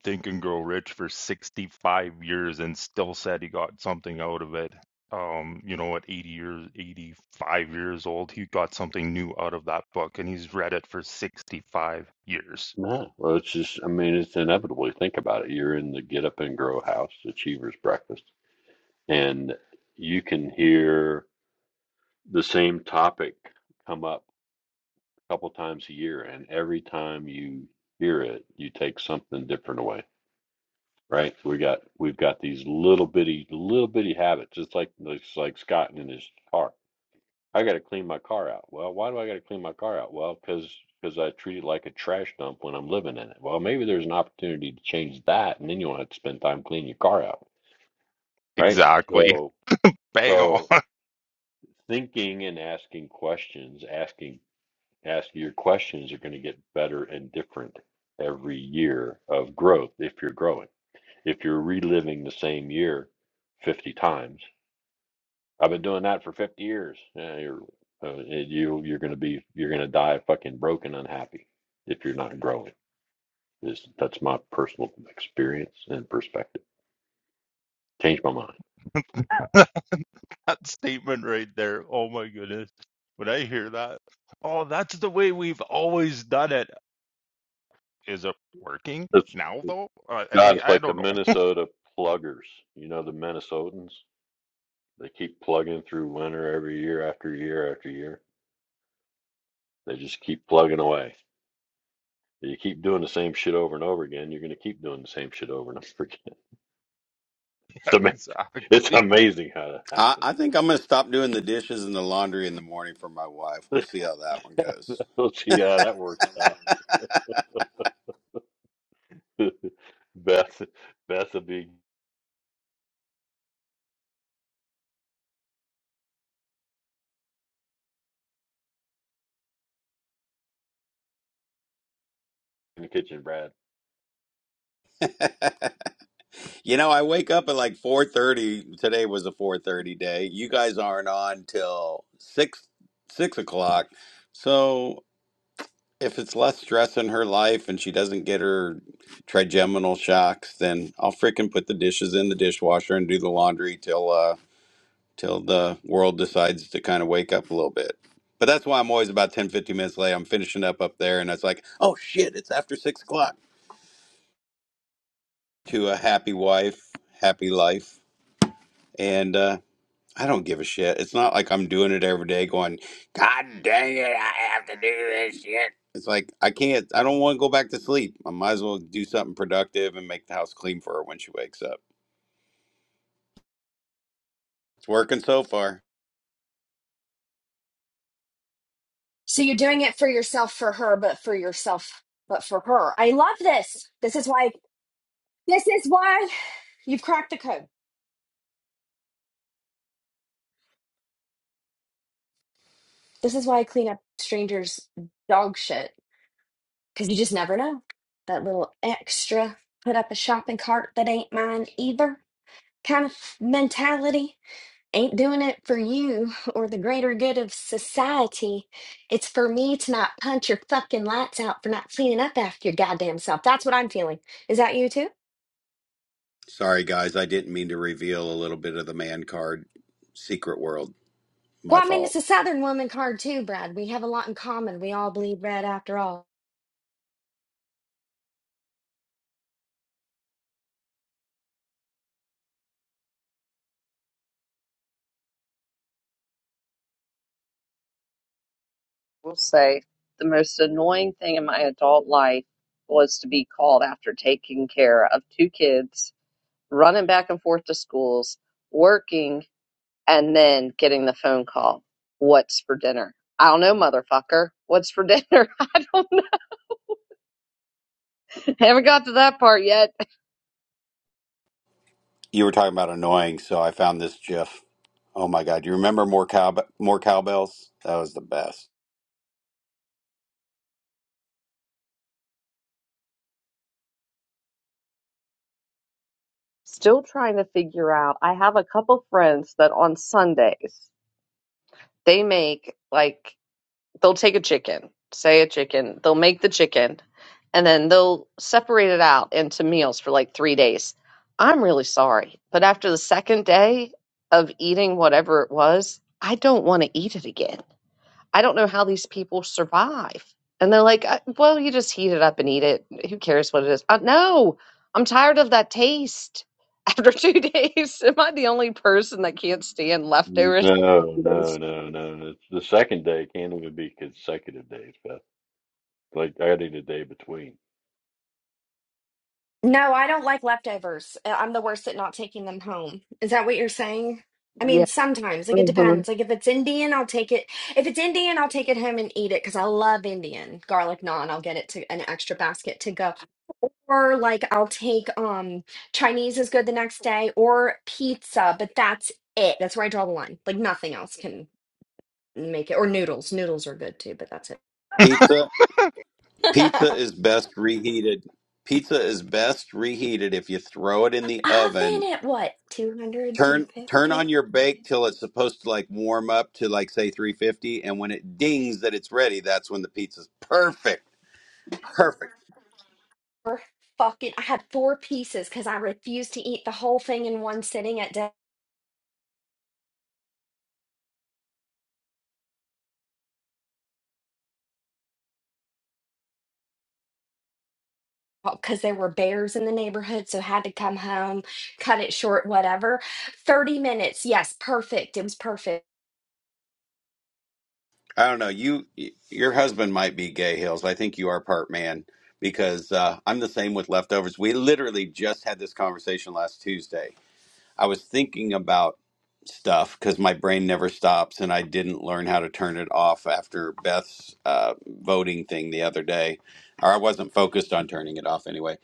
Speaker 5: Think and Grow Rich for 65 years and still said he got something out of it. Um, you know, at 80 years, 85 years old, he got something new out of that book, and he's read it for 65 years.
Speaker 7: No, well, it's just, I mean, it's inevitably. Think about it. You're in the Get Up and Grow House Achievers Breakfast, and you can hear the same topic come up a couple times a year. And every time you hear it, you take something different away, right? We got, we've got these little bitty, little bitty habits, just like, just like Scott in his car I gotta clean my car out. Well, why do I gotta clean my car out? Well, because because I treat it like a trash dump when I'm living in it. Well, maybe there's an opportunity to change that, and then you won't have to spend time cleaning your car out, right?
Speaker 5: Exactly.
Speaker 7: So
Speaker 5: Bang
Speaker 7: so
Speaker 5: on.
Speaker 7: thinking and asking questions, asking asking your questions are going to get better and different every year of growth if you're growing. If you're reliving the same year 50 times I've been doing that for 50 years. Yeah, you're uh, you you're gonna be you're gonna die fucking broken unhappy if you're not growing. Is that's my personal experience and perspective. Changed my mind.
Speaker 5: that statement right there. Oh my goodness. When I hear that, oh, that's the way we've always done it. Is it working
Speaker 7: It's,
Speaker 5: now though? Uh, I-
Speaker 7: God,
Speaker 5: like
Speaker 7: it's
Speaker 5: I
Speaker 7: like the
Speaker 5: don't know
Speaker 7: Minnesota pluggers. You know the Minnesotans. They keep plugging through winter every year after year after year. They just keep plugging away. You keep doing the same shit over and over again. You're gonna keep doing the same shit over and over again. It's amazing. It's
Speaker 5: exactly.
Speaker 7: amazing how that
Speaker 8: I,
Speaker 7: happens.
Speaker 8: I think I'm going to stop doing the dishes and the laundry in the morning for my wife. We'll see how that one goes.
Speaker 7: We'll see how that works out. Beth, Beth will be in the kitchen, Brad.
Speaker 8: you know, I wake up at like 4:30. Today was a 4:30 day. You guys aren't on till six six o'clock, so if it's less stress in her life and she doesn't get her trigeminal shocks, then I'll frickin' put the dishes in the dishwasher and do the laundry till uh till the world decides to kind of wake up a little bit. But that's why I'm always about 10 15 minutes late. I'm finishing up up there, and it's like, oh shit, it's after six o'clock. To a happy wife, happy life, and uh, I don't give a shit. It's not like I'm doing it every day going, God dang it, I have to do this shit. It's like I can't I don't want to go back to sleep. I might as well do something productive and make the house clean for her when she wakes up. It's working so far.
Speaker 4: So you're doing it for yourself, for her, but for yourself, but for her. I love this. This is why. This is why you've cracked the code. This is why I clean up strangers' dog shit because you just never know. That little extra put up a shopping cart that ain't mine either kind of mentality. Ain't doing it for you or the greater good of society. It's for me to not punch your fucking lights out for not cleaning up after your goddamn self. That's what I'm feeling. Is that you too?
Speaker 8: Sorry guys, I didn't mean to reveal a little bit of the man card secret world. My
Speaker 4: Well, I mean, it's
Speaker 8: fault.
Speaker 4: a Southern woman card too, Brad. We have a lot in common. We all bleed red after all.
Speaker 1: will say the most annoying thing in my adult life was to be called after taking care of two kids, running back and forth to schools, working, and then getting the phone call. What's for dinner? I don't know, motherfucker. What's for dinner? I don't know. I Haven't got to that part yet.
Speaker 8: You were talking about annoying, so I found this GIF. Oh my god, you remember more cow more cowbells? That was the best.
Speaker 1: Still trying to figure out. I have a couple friends that on Sundays they make like they'll take a chicken, say a chicken, they'll make the chicken, and then they'll separate it out into meals for like three days. I'm really sorry, but after the second day of eating whatever it was, I don't want to eat it again. I don't know how these people survive. And they're like, "Uh, well, you just heat it up and eat it. Who cares what it is? Uh, no, I'm tired of that taste. After two days, am I the only person that can't stand leftovers?
Speaker 7: No, no, no, no. no. It's the second day can't even be consecutive days, Beth. Like I need a day between.
Speaker 4: No, I don't like leftovers. Uh, I'm the worst at not taking them home. Is that what you're saying? I mean,
Speaker 1: Yes.
Speaker 4: sometimes, like it
Speaker 1: Yeah.
Speaker 4: depends. Like if it's Indian, I'll take it. If it's Indian, I'll take it home and eat it because I love Indian garlic naan. I'll get it to an extra basket to go. Or like I'll take um Chinese is good the next day or pizza, but that's it. That's where I draw the line. Like nothing else can make it. Or noodles. Noodles are good too, but that's it.
Speaker 8: Pizza Pizza is best reheated. Pizza is best reheated if you throw it in the oven.
Speaker 4: Oven at what? two hundred two fifty.
Speaker 8: Turn turn on your bake till it's supposed to like warm up to like say 350 and when it dings that it's ready, that's when the pizza's perfect. Perfect.
Speaker 4: four fucking I had four pieces because I refused to eat the whole thing in one sitting at dinner because there were bears in the neighborhood, so had to come home, cut it short, whatever. 30 minutes, yes, perfect. It was perfect.
Speaker 8: I don't know. You y- your husband might be gay hills. I think you are part man because uh, I'm the same with leftovers. We literally just had this conversation last Tuesday I was thinking about stuff because my brain never stops, and I didn't learn how to turn it off after Beth's uh, voting thing the other day, or I wasn't focused on turning it off anyway.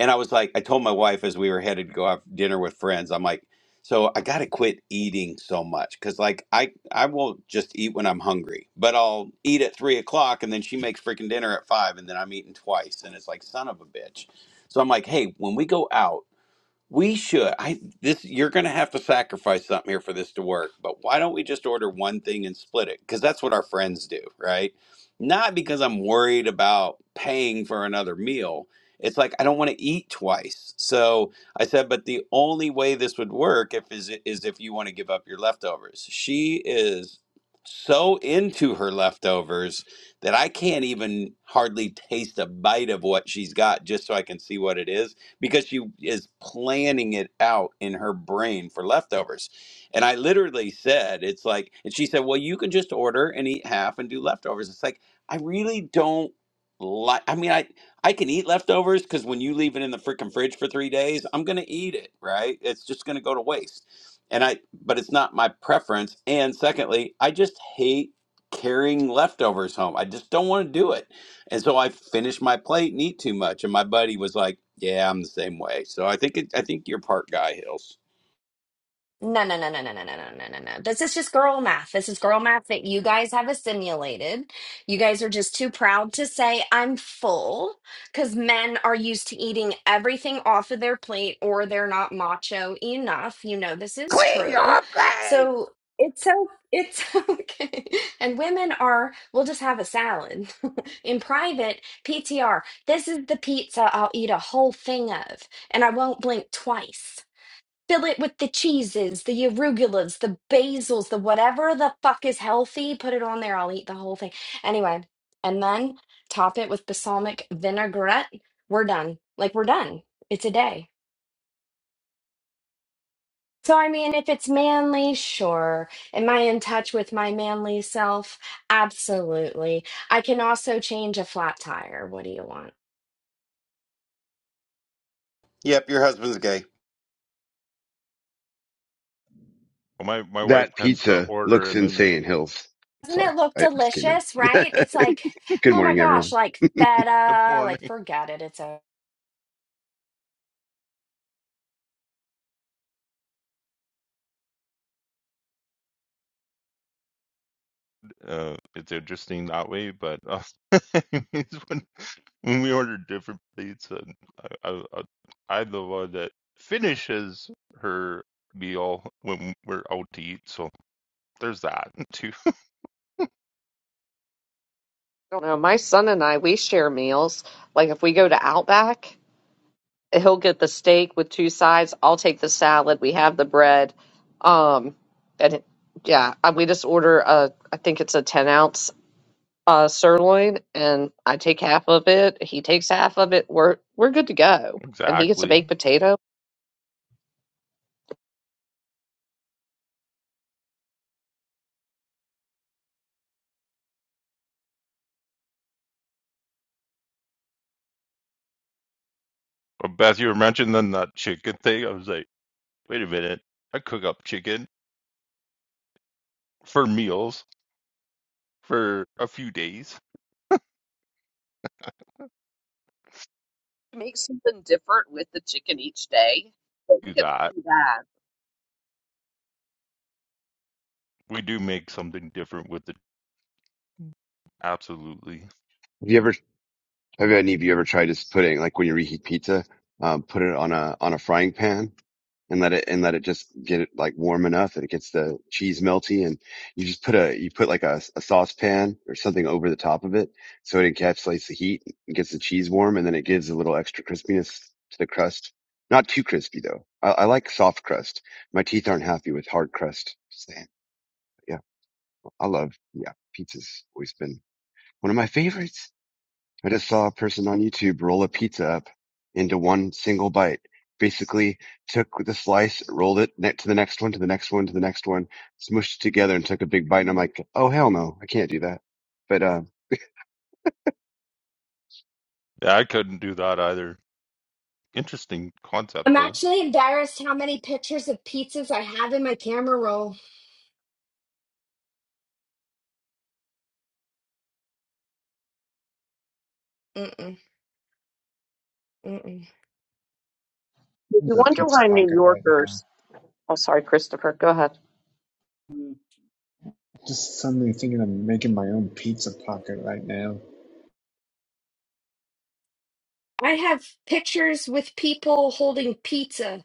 Speaker 8: And I was like, I told my wife as we were headed to go have dinner with friends, I'm like, so I got to quit eating so much because, like, I I will just eat when I'm hungry, but I'll eat at three o'clock, and then she makes freaking dinner at five, and then I'm eating twice, and it's like, son of a bitch. So I'm like, hey, when we go out. We should. I this you're going to have to sacrifice something here for this to work, but why don't we just order one thing and split it? Cuz that's what our friends do, right? Not because I'm worried about paying for another meal. It's like I don't want to eat twice. So I said, but the only way this would work if is is if you want to give up your leftovers. She is so into her leftovers that I can't even hardly taste a bite of what she's got just so I can see what it is because she is planning it out in her brain for leftovers. And I literally said, it's like, and she said, well, you can just order and eat half and do leftovers. It's like, I really don't like, I mean, I, I can eat leftovers because when you leave it in the freaking fridge for three days, I'm going to eat it, right? It's just going to go to waste. And I, but it's not my preference. And secondly, I just hate carrying leftovers home. I just don't want to do it and so I finished my plate and eat too much. And my buddy was like, "Yeah, I'm the same way." So I think it, I think you're part guy, Hills.
Speaker 4: No, no, no, no, no, no, no, no, no, no, no. This is just girl math. This is girl math that you guys have assimilated. You guys are just too proud to say, I'm full, because men are used to eating everything off of their plate or they're not macho enough. You know, this is
Speaker 8: Clean
Speaker 4: true.
Speaker 8: your plate.
Speaker 4: So it's so, it's okay. And women are, we'll just have a salad. In private, PTR, this is the pizza I'll eat a whole thing of, and I won't blink twice. Fill it with the cheeses, the arugulas, the basils, the whatever the fuck is healthy. Put it on there. I'll eat the whole thing. Anyway, and then top it with balsamic vinaigrette. We're done. Like, we're done. It's a day. So, I mean, if it's manly, sure. Am I in touch with my manly self? Absolutely. I can also change a flat tire. What do you want?
Speaker 8: Yep, your husband's gay.
Speaker 5: Well, My my wife
Speaker 12: That
Speaker 5: tends to
Speaker 12: pizza
Speaker 5: order
Speaker 12: looks
Speaker 5: and then
Speaker 12: insane, Hills.
Speaker 4: Doesn't
Speaker 12: Sorry,
Speaker 4: it look
Speaker 12: I just came in.
Speaker 4: delicious, right? It's like,
Speaker 12: Good
Speaker 4: oh my
Speaker 12: morning,
Speaker 4: gosh,
Speaker 12: everyone.
Speaker 4: like
Speaker 5: the
Speaker 4: feta, like
Speaker 5: morning.
Speaker 4: forget it. It's over.
Speaker 5: Uh, it's interesting that way, but uh, it's when when we order different plates, and I, I, I- I'm the one that finishes her meal when we're out to eat. So there's that too.
Speaker 1: I don't know. My son and I, we share meals. Like if we go to Outback, he'll get the steak with two sides. I'll take the salad. We have the bread. Um, and it, yeah, I- we just order a, I think it's a 10 ounce uh, sirloin, and I take half of it. He takes half of it. We're we're good to go. And he gets a
Speaker 5: Exactly.
Speaker 1: baked potato.
Speaker 5: But Beth, you were mentioning that chicken thing. I was like, wait a minute. I cook up chicken for meals for a few days.
Speaker 1: Make something different with the chicken each day. So you
Speaker 5: Do
Speaker 1: can
Speaker 5: that.
Speaker 1: see that.
Speaker 5: We do make something different with it. Absolutely.
Speaker 12: Have you ever, have any of you ever tried this pudding? Like when you reheat pizza, um, put it on a on a frying pan and let it and let it just get it like warm enough that it gets the cheese melty, and you just put a you put like a, a saucepan or something over the top of it so it encapsulates the heat and gets the cheese warm, and then it gives a little extra crispiness to the crust. Not too crispy though. I, I like soft crust. My teeth aren't happy with hard crust. Just saying. I love, yeah, pizza's always been one of my favorites. I just saw a person on YouTube roll a pizza up into one single bite. Basically took the slice, rolled it ne- to the next one, to the next one, to the next one, smushed it together and took a big bite. And I'm like, oh, hell no, I can't do that. But, uh,
Speaker 5: Yeah, I couldn't do that either. Interesting concept
Speaker 4: I'm
Speaker 5: though.
Speaker 4: actually embarrassed how many pictures of pizzas I have in my camera roll. Mm-mm, mm-mm.
Speaker 1: If
Speaker 13: This
Speaker 1: you
Speaker 13: a
Speaker 1: wonder
Speaker 13: pizza
Speaker 1: why New
Speaker 13: pocket right now.
Speaker 1: Yorkers, oh, sorry, Christopher, go ahead.
Speaker 13: Just suddenly thinking I'm making my own pizza pocket right now.
Speaker 4: I have pictures with people holding pizza,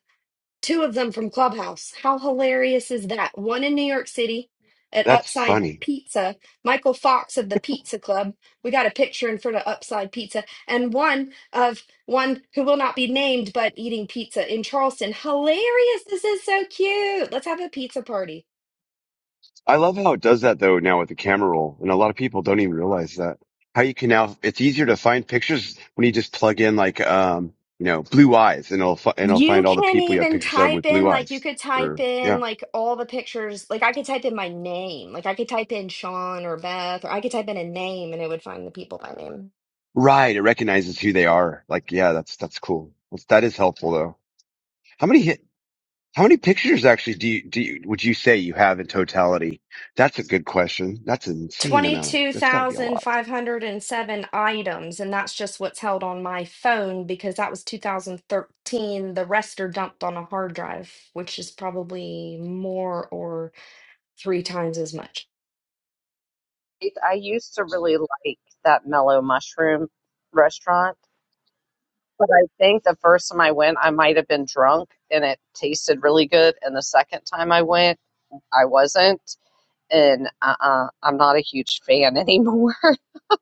Speaker 4: two of them from Clubhouse. How hilarious is that? One in New York City at
Speaker 12: that's
Speaker 4: Upside
Speaker 12: funny.
Speaker 4: Pizza, Michael Fox of the Pizza Club. We got a picture in front of Upside Pizza, and one of one who will not be named but eating pizza in Charleston. Hilarious. This is so cute. Let's have a pizza party.
Speaker 12: I love how it does that though now with the camera roll, and a lot of people don't even realize that. How you can now, it's easier to find pictures when you just plug in like, um, you know, blue eyes and it'll, fi- and it'll
Speaker 4: You
Speaker 12: find all the
Speaker 4: can
Speaker 12: people you have
Speaker 4: even
Speaker 12: pictures of with
Speaker 4: type in,
Speaker 12: blue
Speaker 4: like, you
Speaker 12: eyes
Speaker 4: could type
Speaker 12: or
Speaker 4: in,
Speaker 12: yeah.
Speaker 4: like, all the pictures. Like, I could type in my name. Like, I could type in Sean or Beth, or I could type in a name and it would find the people by name.
Speaker 12: Right. It recognizes who they are. Like, yeah, that's, that's cool. That's, that is helpful though. How many hit, how many pictures actually do you, do you, would you say you have in totality? That's a good question. That's an insane amount of, that's gotta be a lot.
Speaker 4: 22,507 items. And that's just what's held on my phone because that was 2013. The rest are dumped on a hard drive, which is probably more or three times as much.
Speaker 1: I used to really like that Mellow Mushroom restaurant, but I think the first time I went, I might have been drunk and it tasted really good. And the second time I went, I wasn't. And uh-uh, I'm not a huge fan anymore. I'm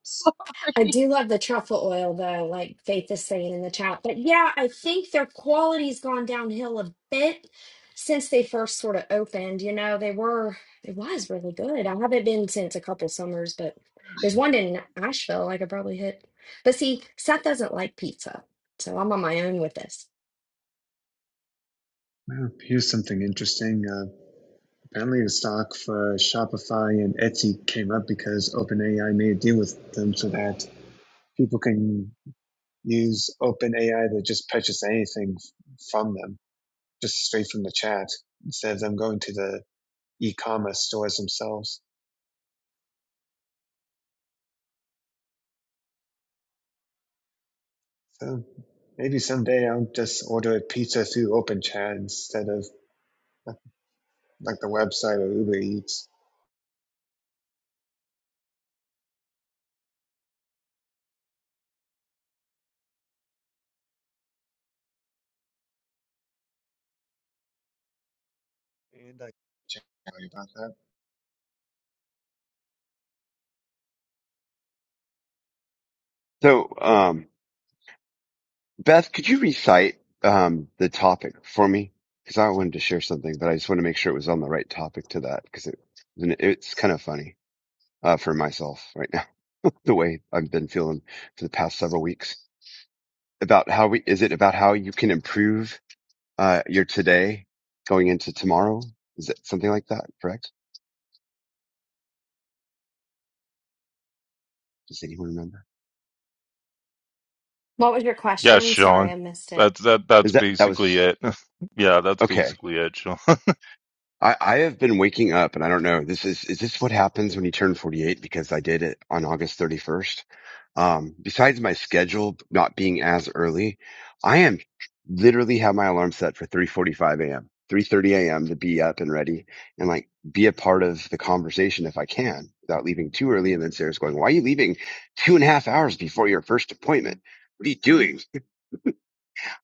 Speaker 4: I
Speaker 1: sorry.
Speaker 4: do love the truffle oil though, like Faith is saying in the chat. But yeah, I think their quality's gone downhill a bit since they first sort of opened. You know, they were it was really good. I haven't been since a couple summers, but there's one in Asheville I could probably hit. But see, Seth doesn't like pizza, so I'm on my own with this.
Speaker 13: Well, here's something interesting. Uh, apparently, the stock for Shopify and Etsy came up because OpenAI made a deal with them so that people can use OpenAI to just purchase anything from them, just straight from the chat, instead of them going to the e-commerce stores themselves. So maybe someday I'll just order a pizza through OpenChat instead of a like the website of Uber Eats. And I can Tell you about that.
Speaker 12: So, um, Beth, could you recite um, the topic for me? Because I wanted to share something, but I just want to make sure it was on the right topic to that because it, it's kind of funny uh, for myself right now, the way I've been feeling for the past several weeks about how we, is it about how you can improve uh, your today going into tomorrow? Is it something like that? Correct? Does anyone remember?
Speaker 4: What was your
Speaker 5: Yeah,
Speaker 4: question? Sorry,
Speaker 5: Sean.
Speaker 4: I missed it.
Speaker 5: That's that that's
Speaker 12: Is that, that
Speaker 5: basically
Speaker 12: was
Speaker 5: it. Yeah, that's
Speaker 12: okay.
Speaker 5: basically it, Sean.
Speaker 12: I, I have been waking up and I don't know. This is, is this what happens when you turn 48? Because I did it on August 31st Um, besides my schedule not being as early, I am literally have my alarm set for 3:45 a.m., 3:30 a.m. to be up and ready and like be a part of the conversation if I can without leaving too early. And then Sarah's going, "Why are you leaving two and a half hours before your first appointment? What are you doing?"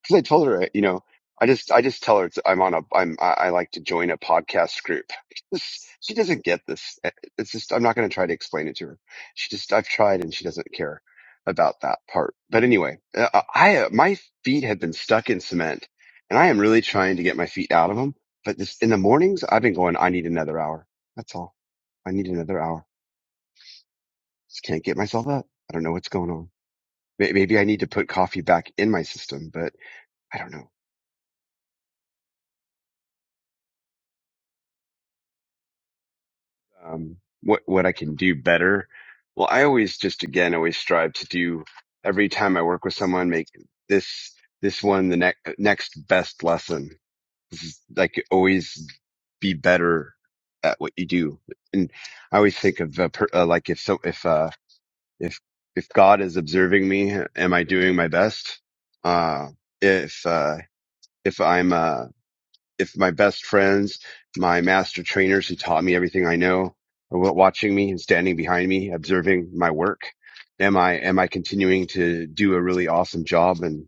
Speaker 12: because I told her, you know, I just I just tell her it's, I'm on a I'm I, I like to join a podcast group. she doesn't get this. eh, It's just I'm not going to try to explain it to her. She just I've tried and she doesn't care about that part. But anyway, uh, uh, I uh, my feet have been stuck in cement, and I am really trying to get my feet out of them. But this in the mornings I've been going. I need another hour. That's all. I need another hour. Just can't get myself up. I don't know what's going on. May- Maybe I need to put coffee back in my system, but I don't know. um, what what I can do better. Well, I always just again always strive to do every time I work with someone make this this one the next next best lesson. This is like always be better at what you do. And I always think of uh, per, uh, like if so if uh if if God is observing me, am I doing my best? Uh if uh if I'm uh if my best friends, my master trainers who taught me everything I know are watching me and standing behind me, observing my work? Am I, am I continuing to do a really awesome job and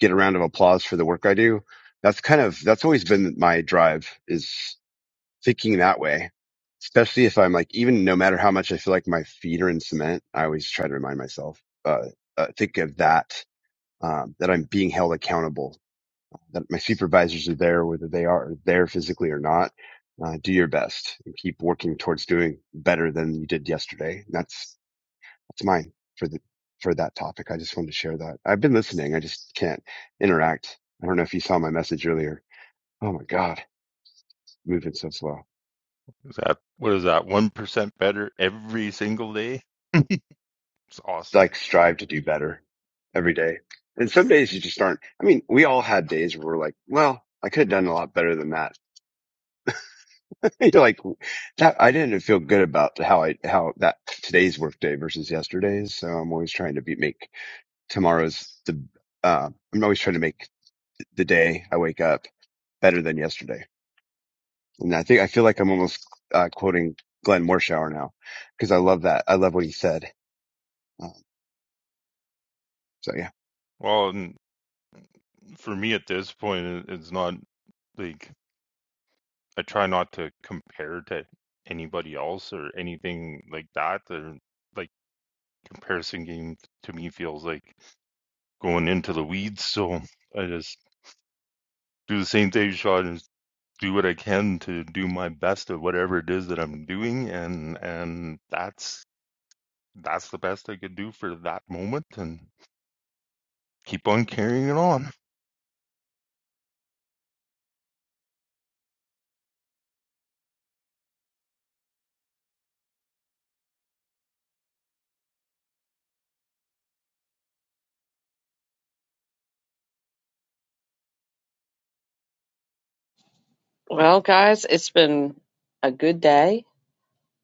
Speaker 12: get a round of applause for the work I do? That's kind of, that's always been my drive is thinking that way. Especially if I'm like, even no matter how much I feel like my feet are in cement, I always try to remind myself, uh, uh think of that, um, that I'm being held accountable that my supervisors are there, whether they are there physically or not. Uh, do your best and keep working towards doing better than you did yesterday. And That's that's mine for the for that topic. I just wanted to share that. I've been listening. I just can't interact. I don't know if you saw my message earlier. Oh my god, moving so slow.
Speaker 5: Is that what is that? One percent better every single day? It's
Speaker 12: It's
Speaker 5: awesome.
Speaker 12: like strive to do better every day. And some days you just aren't. I mean, we all had days where we're like, well, I could have done a lot better than that You're like that. I didn't feel good about how I how that today's workday versus yesterday's. So I'm always trying to be make tomorrow's the. Uh, I'm always trying to make the day I wake up better than yesterday. And I think I feel like I'm almost uh, quoting Glenn Morshower now because I love that. I love what he said. Um, so yeah,
Speaker 5: Well, and for me at this point, it- it's not like I try not to compare to anybody else or anything like that. Or like comparison game to me feels like going into the weeds. So I just do the same thing, Sean. and do what I can to do my best at whatever it is that I'm doing, and and that's that's the best I could do for that moment, and keep on carrying it on.
Speaker 1: Well, guys, it's been a good day.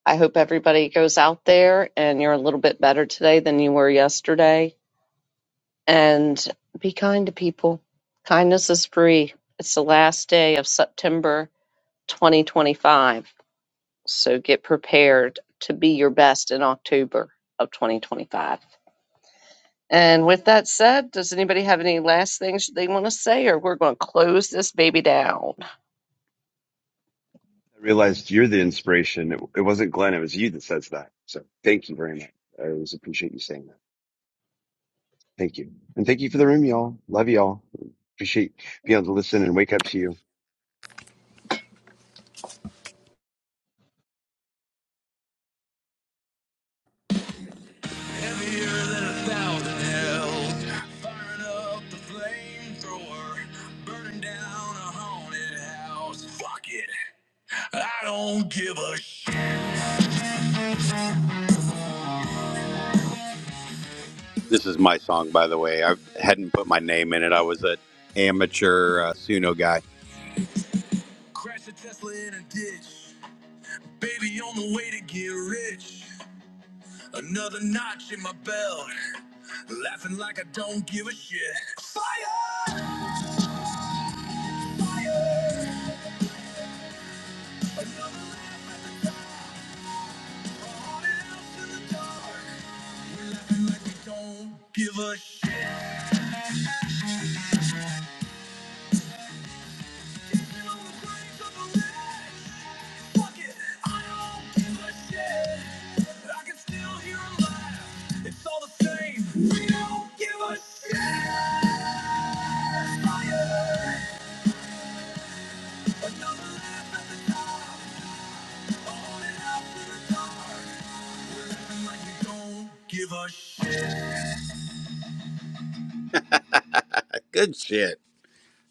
Speaker 1: I hope everybody goes out there and you're a little bit better today than you were yesterday. and be kind to people. Kindness is free. It's the last day of September 2025. So get prepared to be your best in October of 2025. And with that said, does anybody have any last things they want to say, or we're going to close this baby down?
Speaker 12: I realized you're the inspiration. It, it wasn't Glenn. It was you that says that. So thank you very much. I always appreciate you saying that. Thank you. And thank you for the room, y'all. Love y'all. Appreciate being able to listen and wake up to you.
Speaker 8: Heavier than a thousand hells, firing up the flamethrower, burning down a haunted house. Fuck it, I don't give a shit. This is my song, by the way. I hadn't put my name in it. I was an amateur uh, Suno guy. Crash a Tesla in a ditch. Baby, on the way to get rich. Another notch in my belt. Laughing like I don't give a shit. Fire on out in the dark. We're laughing like we don't give a shit. on the flames of the ledge. Fuck it, I don't give a shit. I can still hear 'em laugh. It's all the same. We don't give a shit. Fire, another laugh at the dark. Good shit.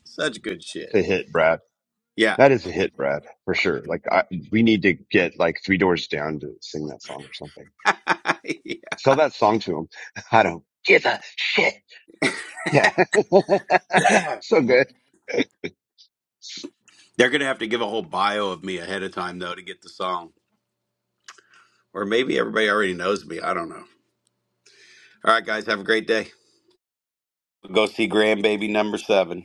Speaker 8: Such good
Speaker 12: It's
Speaker 8: shit.
Speaker 12: a hit, Brad.
Speaker 8: Yeah.
Speaker 12: That is a hit, Brad, for sure. Like I, we need to get like three doors down to sing that song or something.
Speaker 8: They're
Speaker 12: Sell that song to them. I don't give a shit. Yeah. so good.
Speaker 8: going to have to give a whole bio of me ahead of time, though, to get the song. Or maybe everybody already knows me. I don't know. All right, guys. Have a great day. Go see Grandbaby number seven.